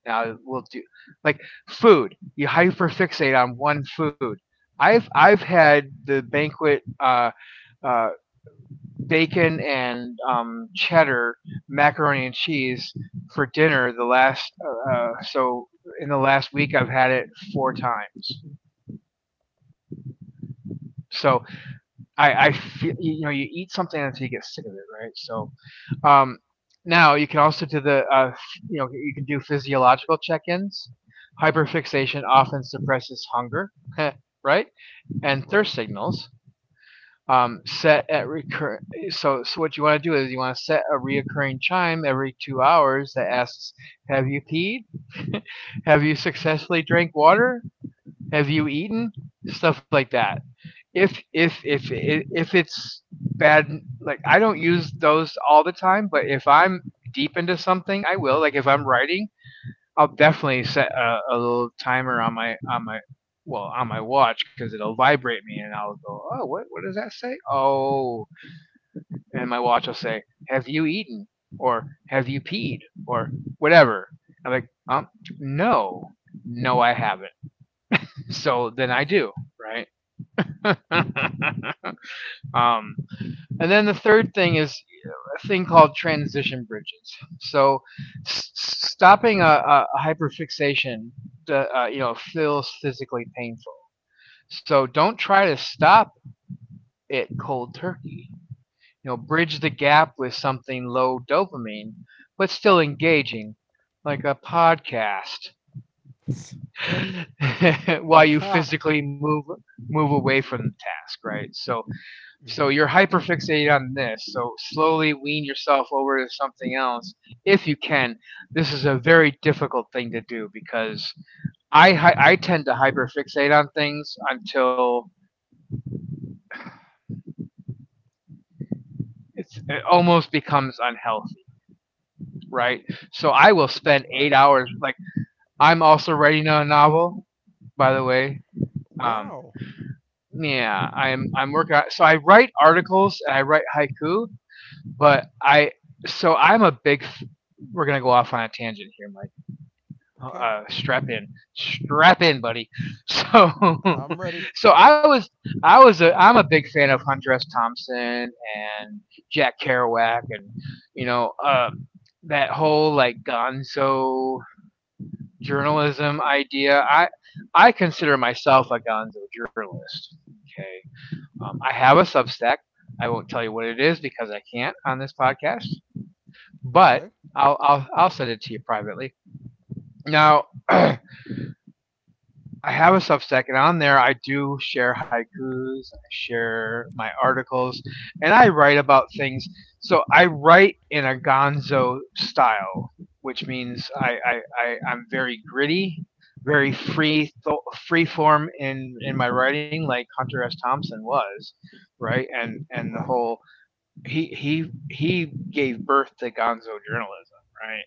[SPEAKER 1] Now, we'll do like food. You hyperfixate on one food. I've had the banquet uh, bacon and cheddar, macaroni and cheese for dinner. The last so in the last week I've had it four times. So I feel, you know, you eat something until you get sick of it, right? So um, now you can also do the you know, you can do physiological check-ins. Hyperfixation often suppresses hunger, right, and thirst
[SPEAKER 2] Right.
[SPEAKER 1] signals. Set at recur. So what you want to do is you want to set a reoccurring chime every 2 hours that asks, "Have you peed? Have you successfully drank water? Have you eaten?" Stuff like that. If if if if it's bad, like I don't use those all the time, but if I'm deep into something, I will. Like if I'm writing, I'll definitely set a little timer on my, well on my watch because it'll vibrate me and I'll go, oh, what does that say? Oh, and my watch will say, have you eaten or have you peed or whatever. I'm like, no, no I have, so then I do, right. um And then the third thing is a thing called transition bridges. So s- stopping a hyperfixation, you know, feels physically painful. So don't try to stop it cold turkey. You know, bridge the gap with something low dopamine, but still engaging, like a podcast, while you physically move away from the task. Right. So,
[SPEAKER 2] Mm
[SPEAKER 1] so
[SPEAKER 2] hmm.
[SPEAKER 1] you're hyperfixated on this. So slowly wean yourself over to something else if you can. This is a very difficult thing to do because I tend to hyperfixate on things until it almost becomes unhealthy, right? So I will spend eight
[SPEAKER 2] Right.
[SPEAKER 1] hours. Like I'm also writing a novel, by the way. Um,
[SPEAKER 2] Wow.
[SPEAKER 1] yeah, I'm working. On, so I write articles and I write haiku, but I'm a big. We're gonna go off on a tangent here, Mike.
[SPEAKER 2] Okay.
[SPEAKER 1] Uh, strap in, strap in, buddy. So,
[SPEAKER 2] I'm ready.
[SPEAKER 1] so I'm a big fan of Hunter S. Thompson and Jack Kerouac, and you know, that whole like Gonzo journalism idea. I consider myself a Gonzo journalist. Okay, I have a Substack. I won't tell you what it is because I can't on this podcast, but
[SPEAKER 2] Okay.
[SPEAKER 1] I'll I'll send it to you privately. Now I have a Substack, and on there I do share haikus, I share my articles, and I write about things. So I write in a Gonzo style, which means I'm very gritty, very free form in my writing, like Hunter S. Thompson was, right? And the
[SPEAKER 2] Right.
[SPEAKER 1] whole he gave birth to Gonzo journalism, right?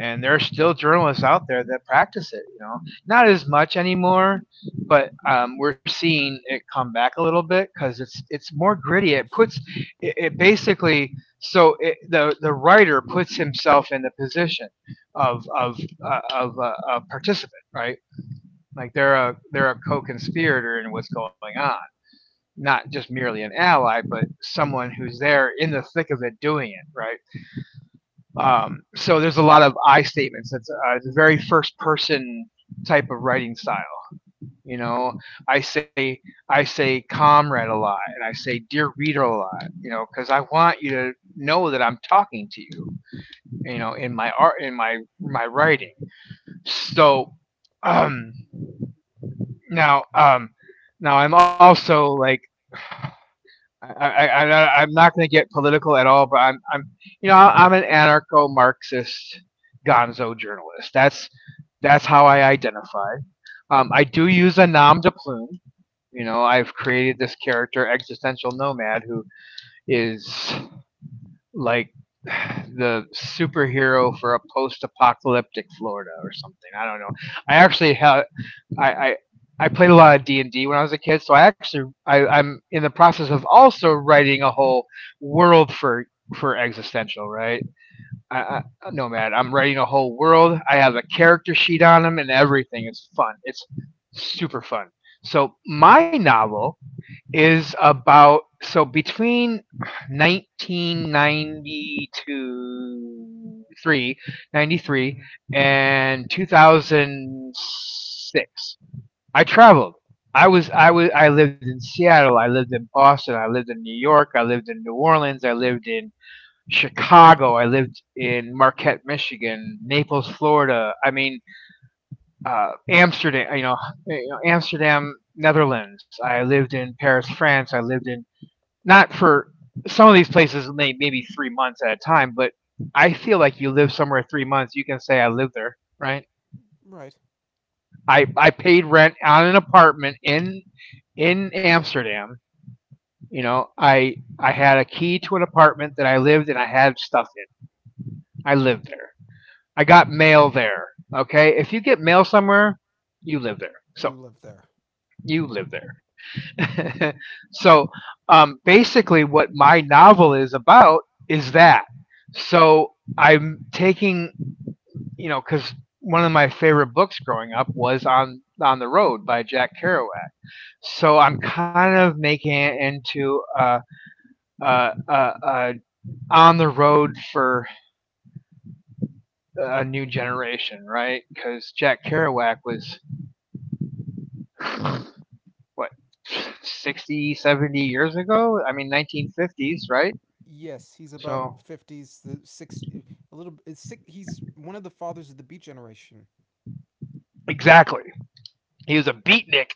[SPEAKER 1] And there are still journalists out there that practice it, you know, not as much anymore, but we're seeing it come back a little bit because it's more gritty. It puts it basically, so the writer puts himself in the position of a participant, right? Like they're a, they're a co-conspirator in what's going on, not just merely an ally, but someone who's there in the thick of it doing it, right? So there's a lot of I statements. That's the very first person type of writing style. You know, I say I say comrade a lot, and I say dear reader a lot. You know, because I want you to know that I'm talking to you. You know, in my art, in my
[SPEAKER 2] Mm hmm.
[SPEAKER 1] writing. So um, now, um, now I'm also like I'm not going to get political at all, but I'm, you know, I'm an anarcho-Marxist Gonzo journalist. That's how I identify. I do use a nom de plume. You know, I've created this character, existential nomad, who is like the superhero for a post-apocalyptic Florida or something. I don't know. I actually have I, I I played a lot of D and D when I was a kid, so I'm in the process of also writing a whole world for existential, right. I nomad. I'm writing a whole world. I have a character sheet on them and everything. It's fun. It's super fun. So my novel is about, so between 1992 3
[SPEAKER 2] Mm
[SPEAKER 1] 93
[SPEAKER 2] hmm.
[SPEAKER 1] and 2006 I traveled. I was i was I lived in Seattle, I lived in Boston, I lived in New York, I lived in New Orleans, I lived in Chicago, I lived in Marquette, Michigan, Naples, Florida. I mean, Amsterdam, you know, Amsterdam, Netherlands. I lived in Paris, France. I lived in, not for, some of these places maybe 3 months at a time, but I feel like you live somewhere 3 months, you can say I lived there, right?
[SPEAKER 2] Right.
[SPEAKER 1] I paid rent on an apartment in Amsterdam. You know, I had a key to an apartment that I lived and I had stuff in. I lived there. I got mail there. Okay, if you get mail somewhere, you live there. So
[SPEAKER 2] You live there.
[SPEAKER 1] you live there. so Basically, what my novel is about is that. So I'm taking, because one of my favorite books growing up was on the road by Jack Kerouac. So I'm kind of making it into a on the road for a new generation, right? Because Jack Kerouac was what, 60, 70 years ago? I mean, 1950s, right?
[SPEAKER 2] Yes, he's about
[SPEAKER 1] So
[SPEAKER 2] fifties, the six, a little. It's six, he's one of the fathers of the Beat Generation.
[SPEAKER 1] exactly, he was a beatnik.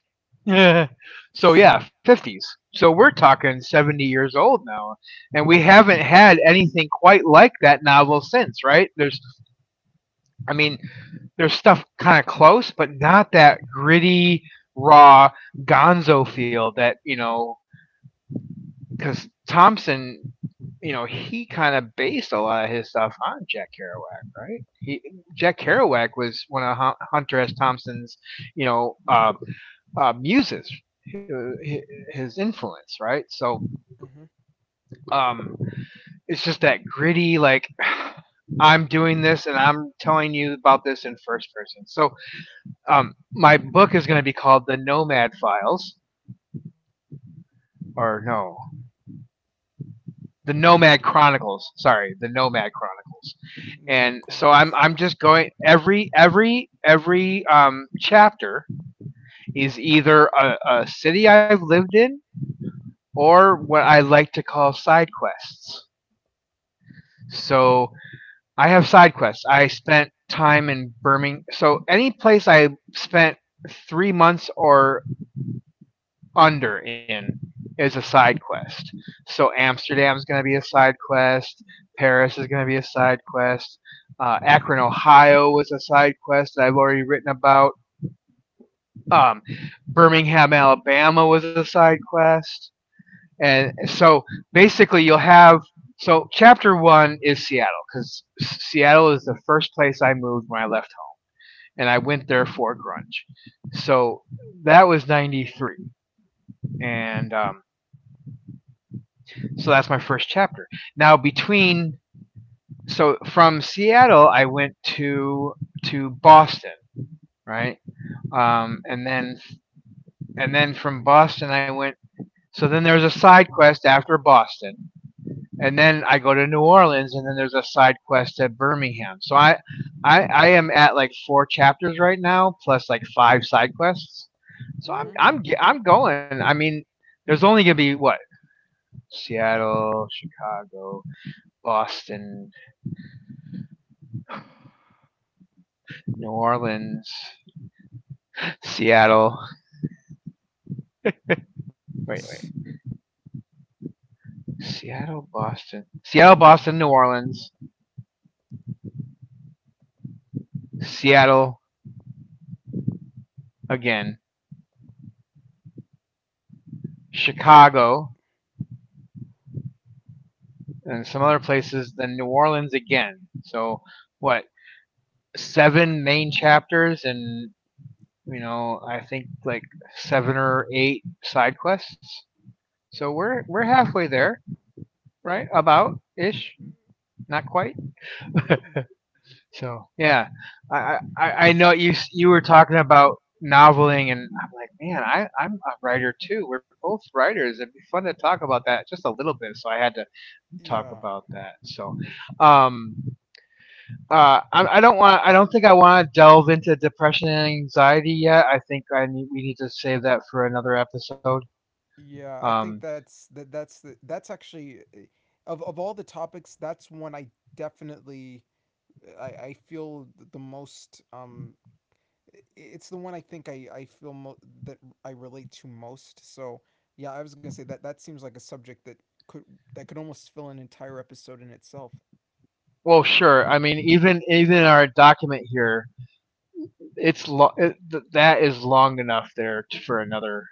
[SPEAKER 1] So yeah, 50s. So we're talking 70 years old now, and we haven't had anything quite like that novel since, right? There's, I mean, there's stuff kind of close, but not that gritty, raw Gonzo feel that you know, because Thompson. You know, he kind of based a lot of his stuff on Jack Kerouac, right? He, Jack Kerouac was one of Hunter S. Thompson's, you know, uh, muses, his, his influence, right? So
[SPEAKER 2] Mm-hmm.
[SPEAKER 1] um, it's just that gritty, like I'm doing this and I'm telling you about this in first person. So my book is going to be called The Nomad Files, or no, The Nomad Chronicles. Sorry, The Nomad Chronicles.
[SPEAKER 2] Nomad
[SPEAKER 1] And so I'm
[SPEAKER 2] Chronicles.
[SPEAKER 1] I'm just going every chapter is either a city I've lived in or what I like to call side quests. So I have side quests. I spent time in Birmingham. So any place I spent 3 months or under in is a side quest. So Amsterdam is going to be a side quest. Paris is going to be a side quest. Akron, Ohio was a side quest that I've already written about. Um, Birmingham, Alabama was a side quest. And so basically, you'll have. So chapter one is Seattle because Seattle is the first place I moved when I left, and I went there for grunge. So that was '93, and so that's my first chapter. Now
[SPEAKER 2] Mm-hmm.
[SPEAKER 1] between, so from Seattle, I went to Boston, right? And then and then from Boston, I went. So then there was a side quest after Boston, and then I go to New Orleans, and then there's a side quest at Birmingham. So I am at like 4 chapters right now, plus like 5 side quests. So
[SPEAKER 2] Mm-hmm.
[SPEAKER 1] I'm going. I mean, there's only gonna be what, Seattle, Chicago, Boston, New Orleans, Seattle. Wait, wait, Seattle, Boston, Seattle, Boston, New Orleans, Seattle again, Chicago, and some other places. Then New Orleans again. So what? 7 main chapters and you know I think like 7 or 8 side quests. So we're halfway there, right? About ish, not quite. So yeah, I know you were talking about noveling, and I'm like, man, I'm a writer too. We're both writers. It'd be fun to talk about that just a little bit. So I had to talk
[SPEAKER 2] Yeah,
[SPEAKER 1] about that. So, um, I don't want. I don't think I want to delve into depression and anxiety yet. I think I need, we need to save that for another episode.
[SPEAKER 2] yeah, I
[SPEAKER 1] Um,
[SPEAKER 2] think that's that. That's the, that's actually, eh, of all the topics, that's one I definitely, I feel the most it's the one I think I feel mo- that I relate to most. So yeah, I was gonna say that that seems like a subject that could, that could almost fill an entire episode in itself.
[SPEAKER 1] well, sure. I mean, even our document here, it's that is long enough for another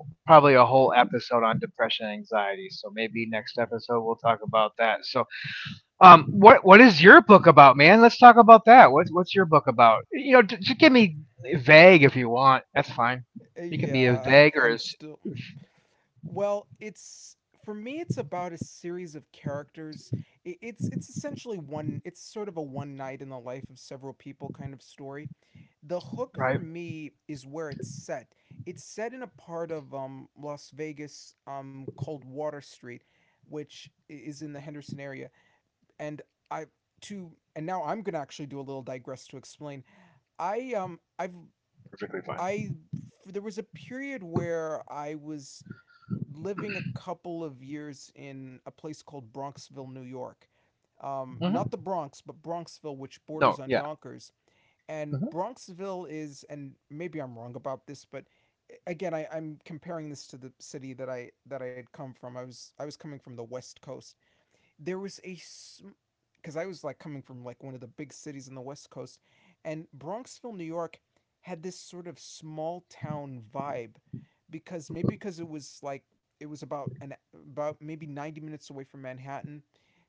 [SPEAKER 1] whole, probably a whole episode on depression and anxiety. So maybe next
[SPEAKER 2] Uh,
[SPEAKER 1] episode we'll talk about that. So, what is your book about, man? Let's talk about that. What's your book about? You know, just give me vague if you want. That's fine. You can
[SPEAKER 2] Yeah.
[SPEAKER 1] be as
[SPEAKER 2] I,
[SPEAKER 1] vague or
[SPEAKER 2] I'm
[SPEAKER 1] as.
[SPEAKER 2] still. Well, it's, for me, it's about a series of characters. I It's essentially one, it's sort of a one night in the life of several people kind of story. The hook
[SPEAKER 1] Right.
[SPEAKER 2] for me is where it's set. It's set in a part of Las Vegas called Water Street, which is in the Henderson area. And I to and now I'm gonna actually do a little digress to explain. I I've
[SPEAKER 1] Perfectly fine.
[SPEAKER 2] I There was a period where I was living a couple of years in a place called Bronxville, New York.
[SPEAKER 1] Mm-hmm.
[SPEAKER 2] Not the Bronx, but Bronxville, which
[SPEAKER 1] No.
[SPEAKER 2] borders on
[SPEAKER 1] Yeah.
[SPEAKER 2] Yonkers. And
[SPEAKER 1] Mm-hmm.
[SPEAKER 2] Bronxville is, and maybe I'm wrong about this, but again, I'm comparing this to the city that I had come from. I was coming from the West Coast. There was a, because I was like coming from like one of the big cities in the West Coast, and Bronxville, New York, had this sort of small town vibe, because maybe because it was like, it was about an, about maybe 90 minutes away from Manhattan.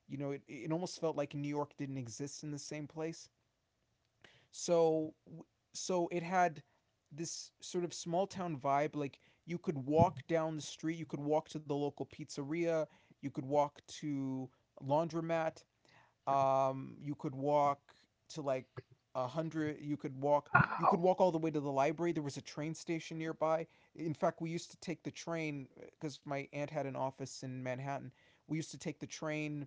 [SPEAKER 2] You know, it almost felt like New York didn't exist in the same place. So so it had this sort of small town vibe, like you could walk down the street, you could walk to the local pizzeria, you could walk to laundromat, you could walk to like a hundred, you could walk, you could walk all the way to the library. There was a train station nearby. In fact, we used to take the train because my aunt had an office in Manhattan. We used to take the train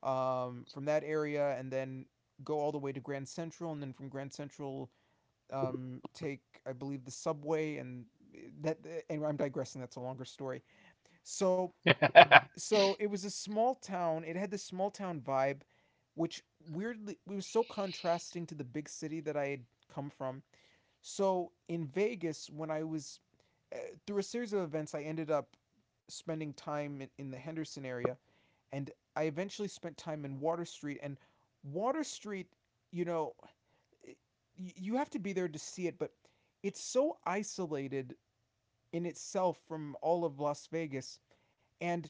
[SPEAKER 2] from that area and then go all the way to Grand Central, and then from Grand Central, take I believe the subway and eh, that. And I'm digressing. That's a longer story. So so it was a small town. It had this small town vibe, which weirdly it was so contrasting to the big city that I had come from. So in Vegas, when I was uh, through a series of events, I ended up spending time in the Henderson area, and I eventually spent time in Water Street. And Water Street, you know, eh, you have to be there to see it, but it's so isolated in itself from all of Las Vegas, and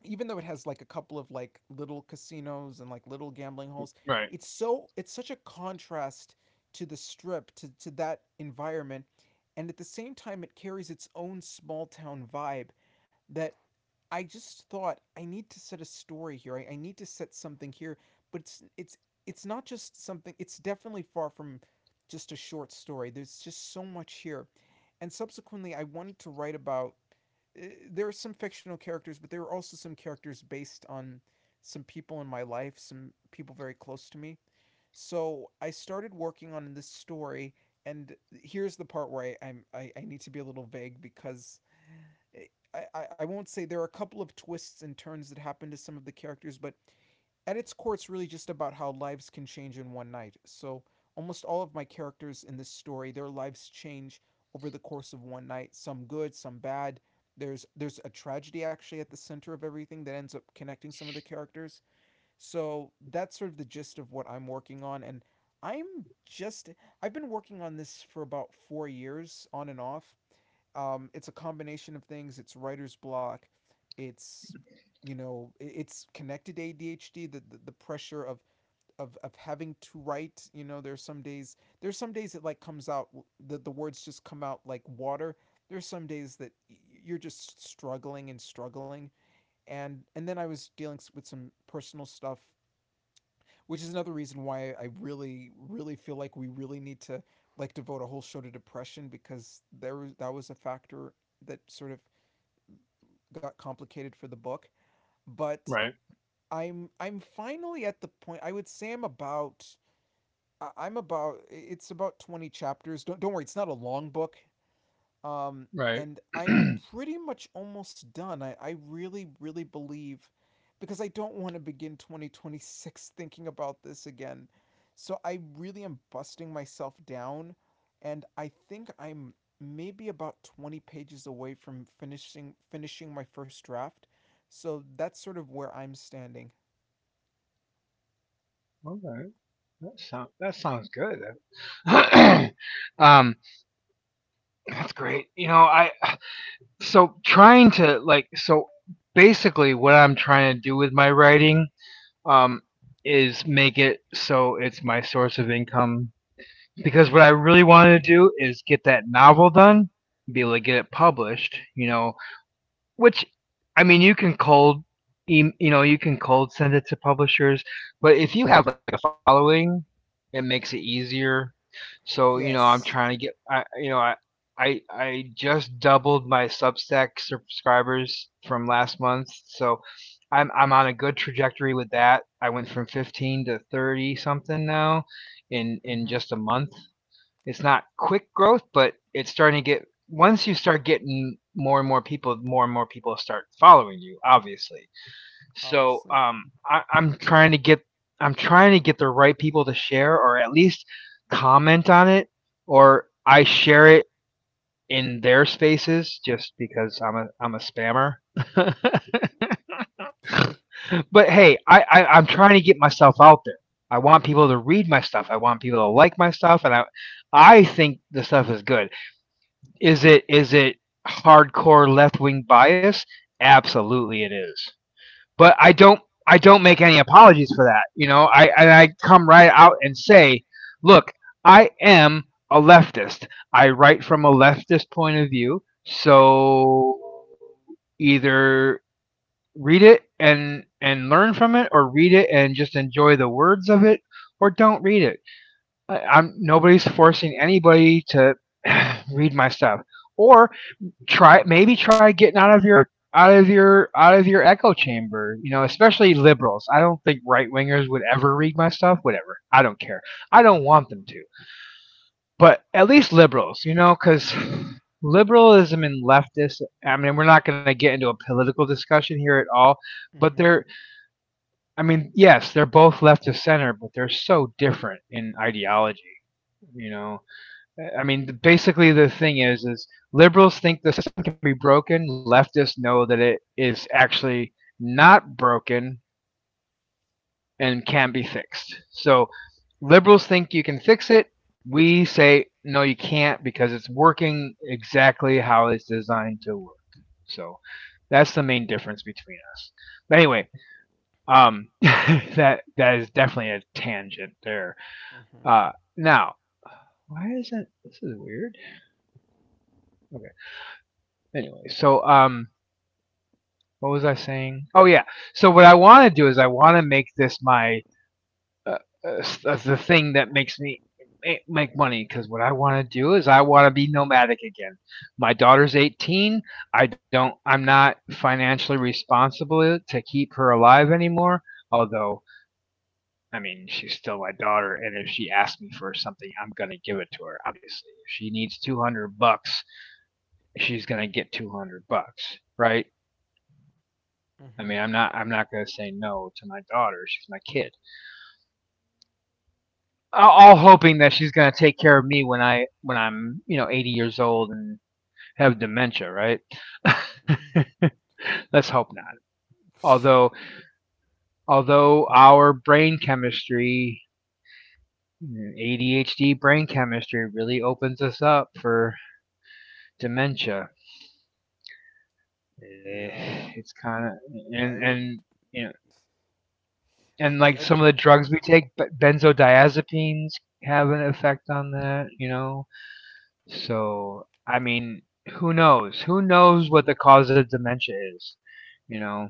[SPEAKER 2] even though it has like a couple of like little casinos and like little gambling halls,
[SPEAKER 1] Right.
[SPEAKER 2] it's such a contrast to the strip to that environment, and at the same time it carries its own small town vibe that I just thought I need to set a story here. I need to set something here, but it's not just something. It's definitely far from just a short story. There's just so much here, and subsequently, I wanted to write about. There are some fictional characters, but there are also some characters based on some people in my life, some people very close to me, so I started working on this story, and here's the part where I need to be a little vague because eh, I won't say there are a couple of twists and turns that happen to some of the characters, but at its core, it's really just about how lives can change in one night. So almost all of my characters in this story, their lives change over the course of one night. Some good, some bad. There's a tragedy actually at the center of everything that ends up connecting some of the characters. So that's sort of the gist of what I'm working on. And I'm just, I've been working on this for about 4 years on and off. It's a combination of things. It's writer's block. It's, it's connected to ADHD, the pressure of having to write, you know, there's some days it like comes out, w- the words just come out like water. There's some days you're just struggling and struggling, and then I was dealing with some personal stuff, which is another reason why I really, really feel like we really need to like devote a whole show to depression because there was that was a factor that sort of got complicated for the book. But
[SPEAKER 1] Right.
[SPEAKER 2] I'm finally at the point. I would say I'm about I- am about it's about 20 chapters. Don't worry, it's not a long book. Um,
[SPEAKER 1] Right.
[SPEAKER 2] and
[SPEAKER 1] Okay.
[SPEAKER 2] I'm pretty much almost done. I really, really believe because I don't want to begin 2026 thinking about this again. So I really am busting myself down, and I think I'm maybe about 20 pages away from finishing my first draft. So that's sort of where I'm standing.
[SPEAKER 1] That sounds good. um, that's great. You know, I, so trying to like, so basically what I'm trying to do with my writing um is make it so it's my source of income, because what I really wanted to do is get that novel done, be able to get it published. You know, which, I mean, you can cold, you know, you can cold send it to publishers, but if you have like a following, it makes it easier. So you know, I'm
[SPEAKER 2] Yes.
[SPEAKER 1] trying to get, I, you know, I just doubled my Substack subscribers from last month, so I'm on a good trajectory with that. I went from 15 to 30 something now in
[SPEAKER 2] Mm-hmm.
[SPEAKER 1] just a month. It's not quick growth, but it's starting to get, once you start getting more and more people, more and more people start following you, obviously. So
[SPEAKER 2] Obviously.
[SPEAKER 1] I'm trying to get. I'm trying to get the right people to share or at least comment on it, or I share it in their spaces just because I'm a spammer.
[SPEAKER 2] Okay.
[SPEAKER 1] But hey, I'm trying to get myself out there. I want people to read my stuff. I want people to like my stuff, and I think the stuff is good. Is it, is it hardcore left wing bias? Absolutely, it is. But I don't make any apologies for that. You know, I, and I come right out and say, look, I am a leftist. I write from a leftist point of view. So either read it and learn from it, or read it and just enjoy the words of it, or don't read it. I'm nobody's forcing anybody to read my stuff. Or try, maybe try getting out of your, out of your echo chamber. You know, especially liberals. I don't think right wingers would ever read my stuff. Whatever. I don't care. I don't
[SPEAKER 2] Mm-hmm.
[SPEAKER 1] want them to. But at least liberals, you know, because liberalism and leftist. I mean, we're not going to get into a political discussion here at all. But they're. I mean, yes, they're both left of center, but they're so different in ideology. You know, I mean, basically the thing is liberals think the system can be broken. Leftists know that it is actually not broken and can be fixed. So liberals think you can fix it. We say no, you can't because it's working exactly how it's designed to work. So that's the main difference between us. But anyway, that that is definitely a tangent there.
[SPEAKER 2] Mm-hmm.
[SPEAKER 1] Now, why is that? This is weird. Okay. Anyway, so what was I saying? Oh yeah. So what I want to do is I want to make this my uh, uh, the thing that makes me make money, because what I want to do is I want to be nomadic again. My daughter's 18. I don't. I'm not financially responsible to keep her alive anymore. Although I mean she's still my daughter, and if she asks me for something, I'm gonna give it to her. Obviously, if she needs $200, she's gonna get $200, right? I mean,
[SPEAKER 2] Mm-hmm.
[SPEAKER 1] I'm not gonna say no to my daughter. She's my kid. All hoping that she's gonna take care of me when I when I'm you know 80 years old and have dementia, right?
[SPEAKER 2] Mm-hmm.
[SPEAKER 1] Let's hope not. Although, although our brain chemistry, ADHD brain chemistry, really opens us up for dementia.
[SPEAKER 2] Yeah.
[SPEAKER 1] Eh, it's kind of,
[SPEAKER 2] I would
[SPEAKER 1] and you know, and like
[SPEAKER 2] I
[SPEAKER 1] some
[SPEAKER 2] don't.
[SPEAKER 1] of the drugs we take, but benzodiazepines have an effect on that. You know, so, I mean, who knows? Who knows what the cause of dementia is? You know,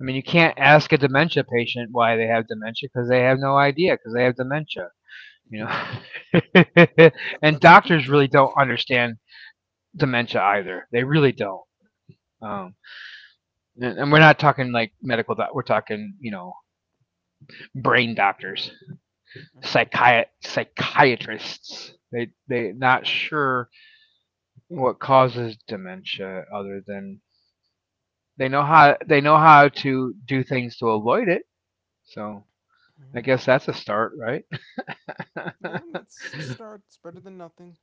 [SPEAKER 1] I mean, you can't
[SPEAKER 2] Mm-hmm.
[SPEAKER 1] ask a dementia patient why they have dementia because they have no idea because they have dementia. You
[SPEAKER 2] Yeah,
[SPEAKER 1] know, and
[SPEAKER 2] That's a good
[SPEAKER 1] doctors really don't
[SPEAKER 2] dark.
[SPEAKER 1] understand dementia either. They really don't. Um, and we're not talking like medical. We're talking, you know, brain doctors,
[SPEAKER 2] Mm-hmm.
[SPEAKER 1] psychiatrists. They not sure what causes dementia other than they know how, they know how to do things to avoid it. So
[SPEAKER 2] Mm-hmm.
[SPEAKER 1] I guess that's a start, right?
[SPEAKER 2] Yeah, that's a start. It's better than nothing.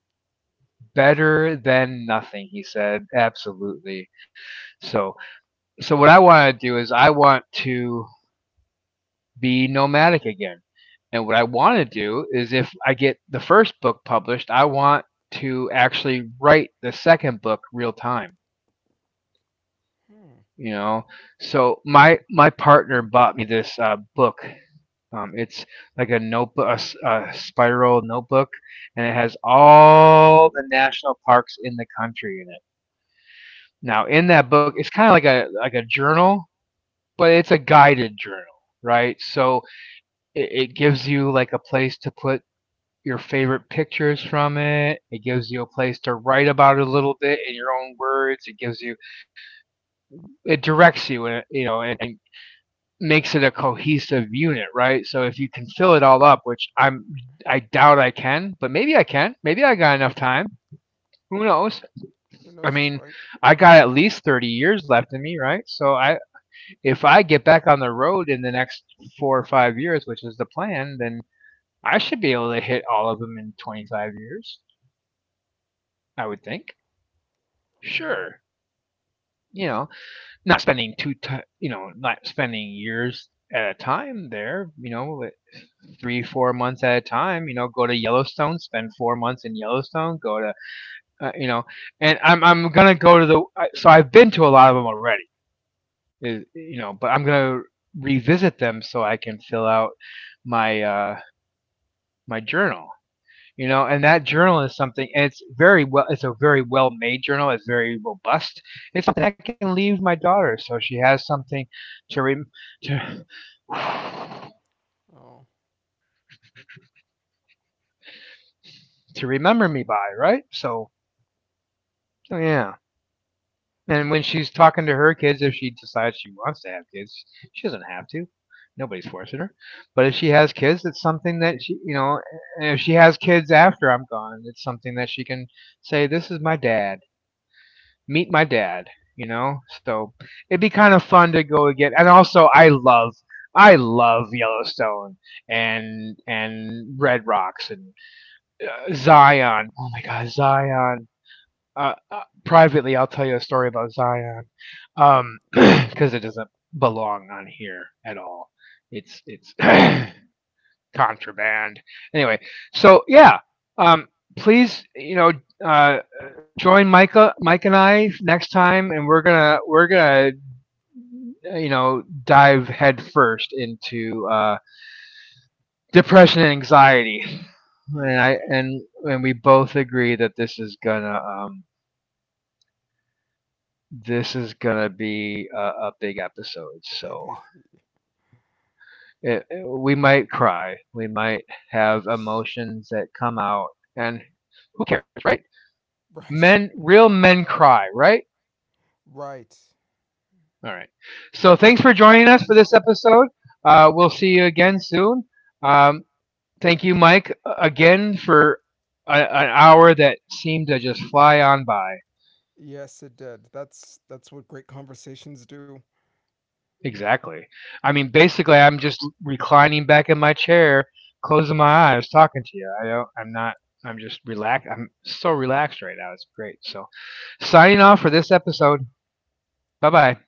[SPEAKER 1] Better than nothing, he said. Absolutely. So, so what I want to do is I want to be nomadic again. And what I want to do is if I get the first book published, I want to actually write the second book real time,
[SPEAKER 2] Hmm.
[SPEAKER 1] you know. So my partner bought me this book. It's like a notebook, a spiral notebook, and it has all the national parks in the country in it. Now, in that book, it's kind of like a journal, but it's a guided journal, right? So it gives you like a place to put your favorite pictures from it. It gives you a place to write about it a little bit in your own words. It gives you, it directs you, in, you know, and makes it a cohesive unit, right? So if you can fill it all up, which I doubt I can, but maybe I can. Maybe I got enough time. Who knows?
[SPEAKER 2] Who
[SPEAKER 1] I
[SPEAKER 2] knows is
[SPEAKER 1] mean,
[SPEAKER 2] right.
[SPEAKER 1] I got at least 30 years left in me, right? So I if I get back on the road in the next 4 or 5 years, which is the plan, then I should be able to hit all of them in 25 years, I would think.
[SPEAKER 2] Mm-hmm.
[SPEAKER 1] Sure. You know, not spending two, ti you know, not spending years at a time there, you know, like 3, 4 months at a time, you know, go to Yellowstone, spend 4 months in Yellowstone, go to, you know, and I'm gonna go to the, so I've been to a lot of them already, you know, but I'm
[SPEAKER 2] Mm-hmm.
[SPEAKER 1] gonna revisit them so I can fill out my, my journal. You know, and that journal is something, and it's very well, it's a very well made journal, it's very robust. It's something I can leave my daughter so she has something to re- to
[SPEAKER 2] Oh.
[SPEAKER 1] to remember me by, right? So, so yeah, and when she's talking to her kids, if she decides she wants to have kids, she doesn't have to, nobody's forcing her, but if she has kids, it's something that she, you know, and if she has kids after I'm gone, it's something that she can say, this is my dad, meet my dad, you know? So it'd be kind of fun to go again. And also I love, I love Yellowstone and Red Rocks and Zion. Oh my god, Zion. Uh, uh, Privately, I'll tell you a story about Zion.
[SPEAKER 2] Mm-hmm. Mm-hmm.
[SPEAKER 1] Cuz it doesn't belong on here at all. It's contraband. Anyway, so yeah, um please, you know, uh join Michael, Mike and I next time, and we're gonna you know dive headfirst into depression and anxiety, and I
[SPEAKER 2] Yeah,
[SPEAKER 1] and we both agree that this is gonna be a big episode. So
[SPEAKER 2] heavy.
[SPEAKER 1] we might cry, we might have emotions that come out, and who cares, right?
[SPEAKER 2] Right,
[SPEAKER 1] Men, real men cry, right?
[SPEAKER 2] right.
[SPEAKER 1] All right. So thanks for joining us for this episode. We'll see you again soon. Um, Thank you, Mike, again for an hour that seemed to just fly on by.
[SPEAKER 2] Yes, it did. That's what great conversations do.
[SPEAKER 1] Exactly. I mean, basically, I'm just reclining back in my chair, closing my eyes, talking to you. I don't. I'm not. I'm just relaxed. I'm so relaxed right now. It's great. So, signing off for this episode. Bye bye.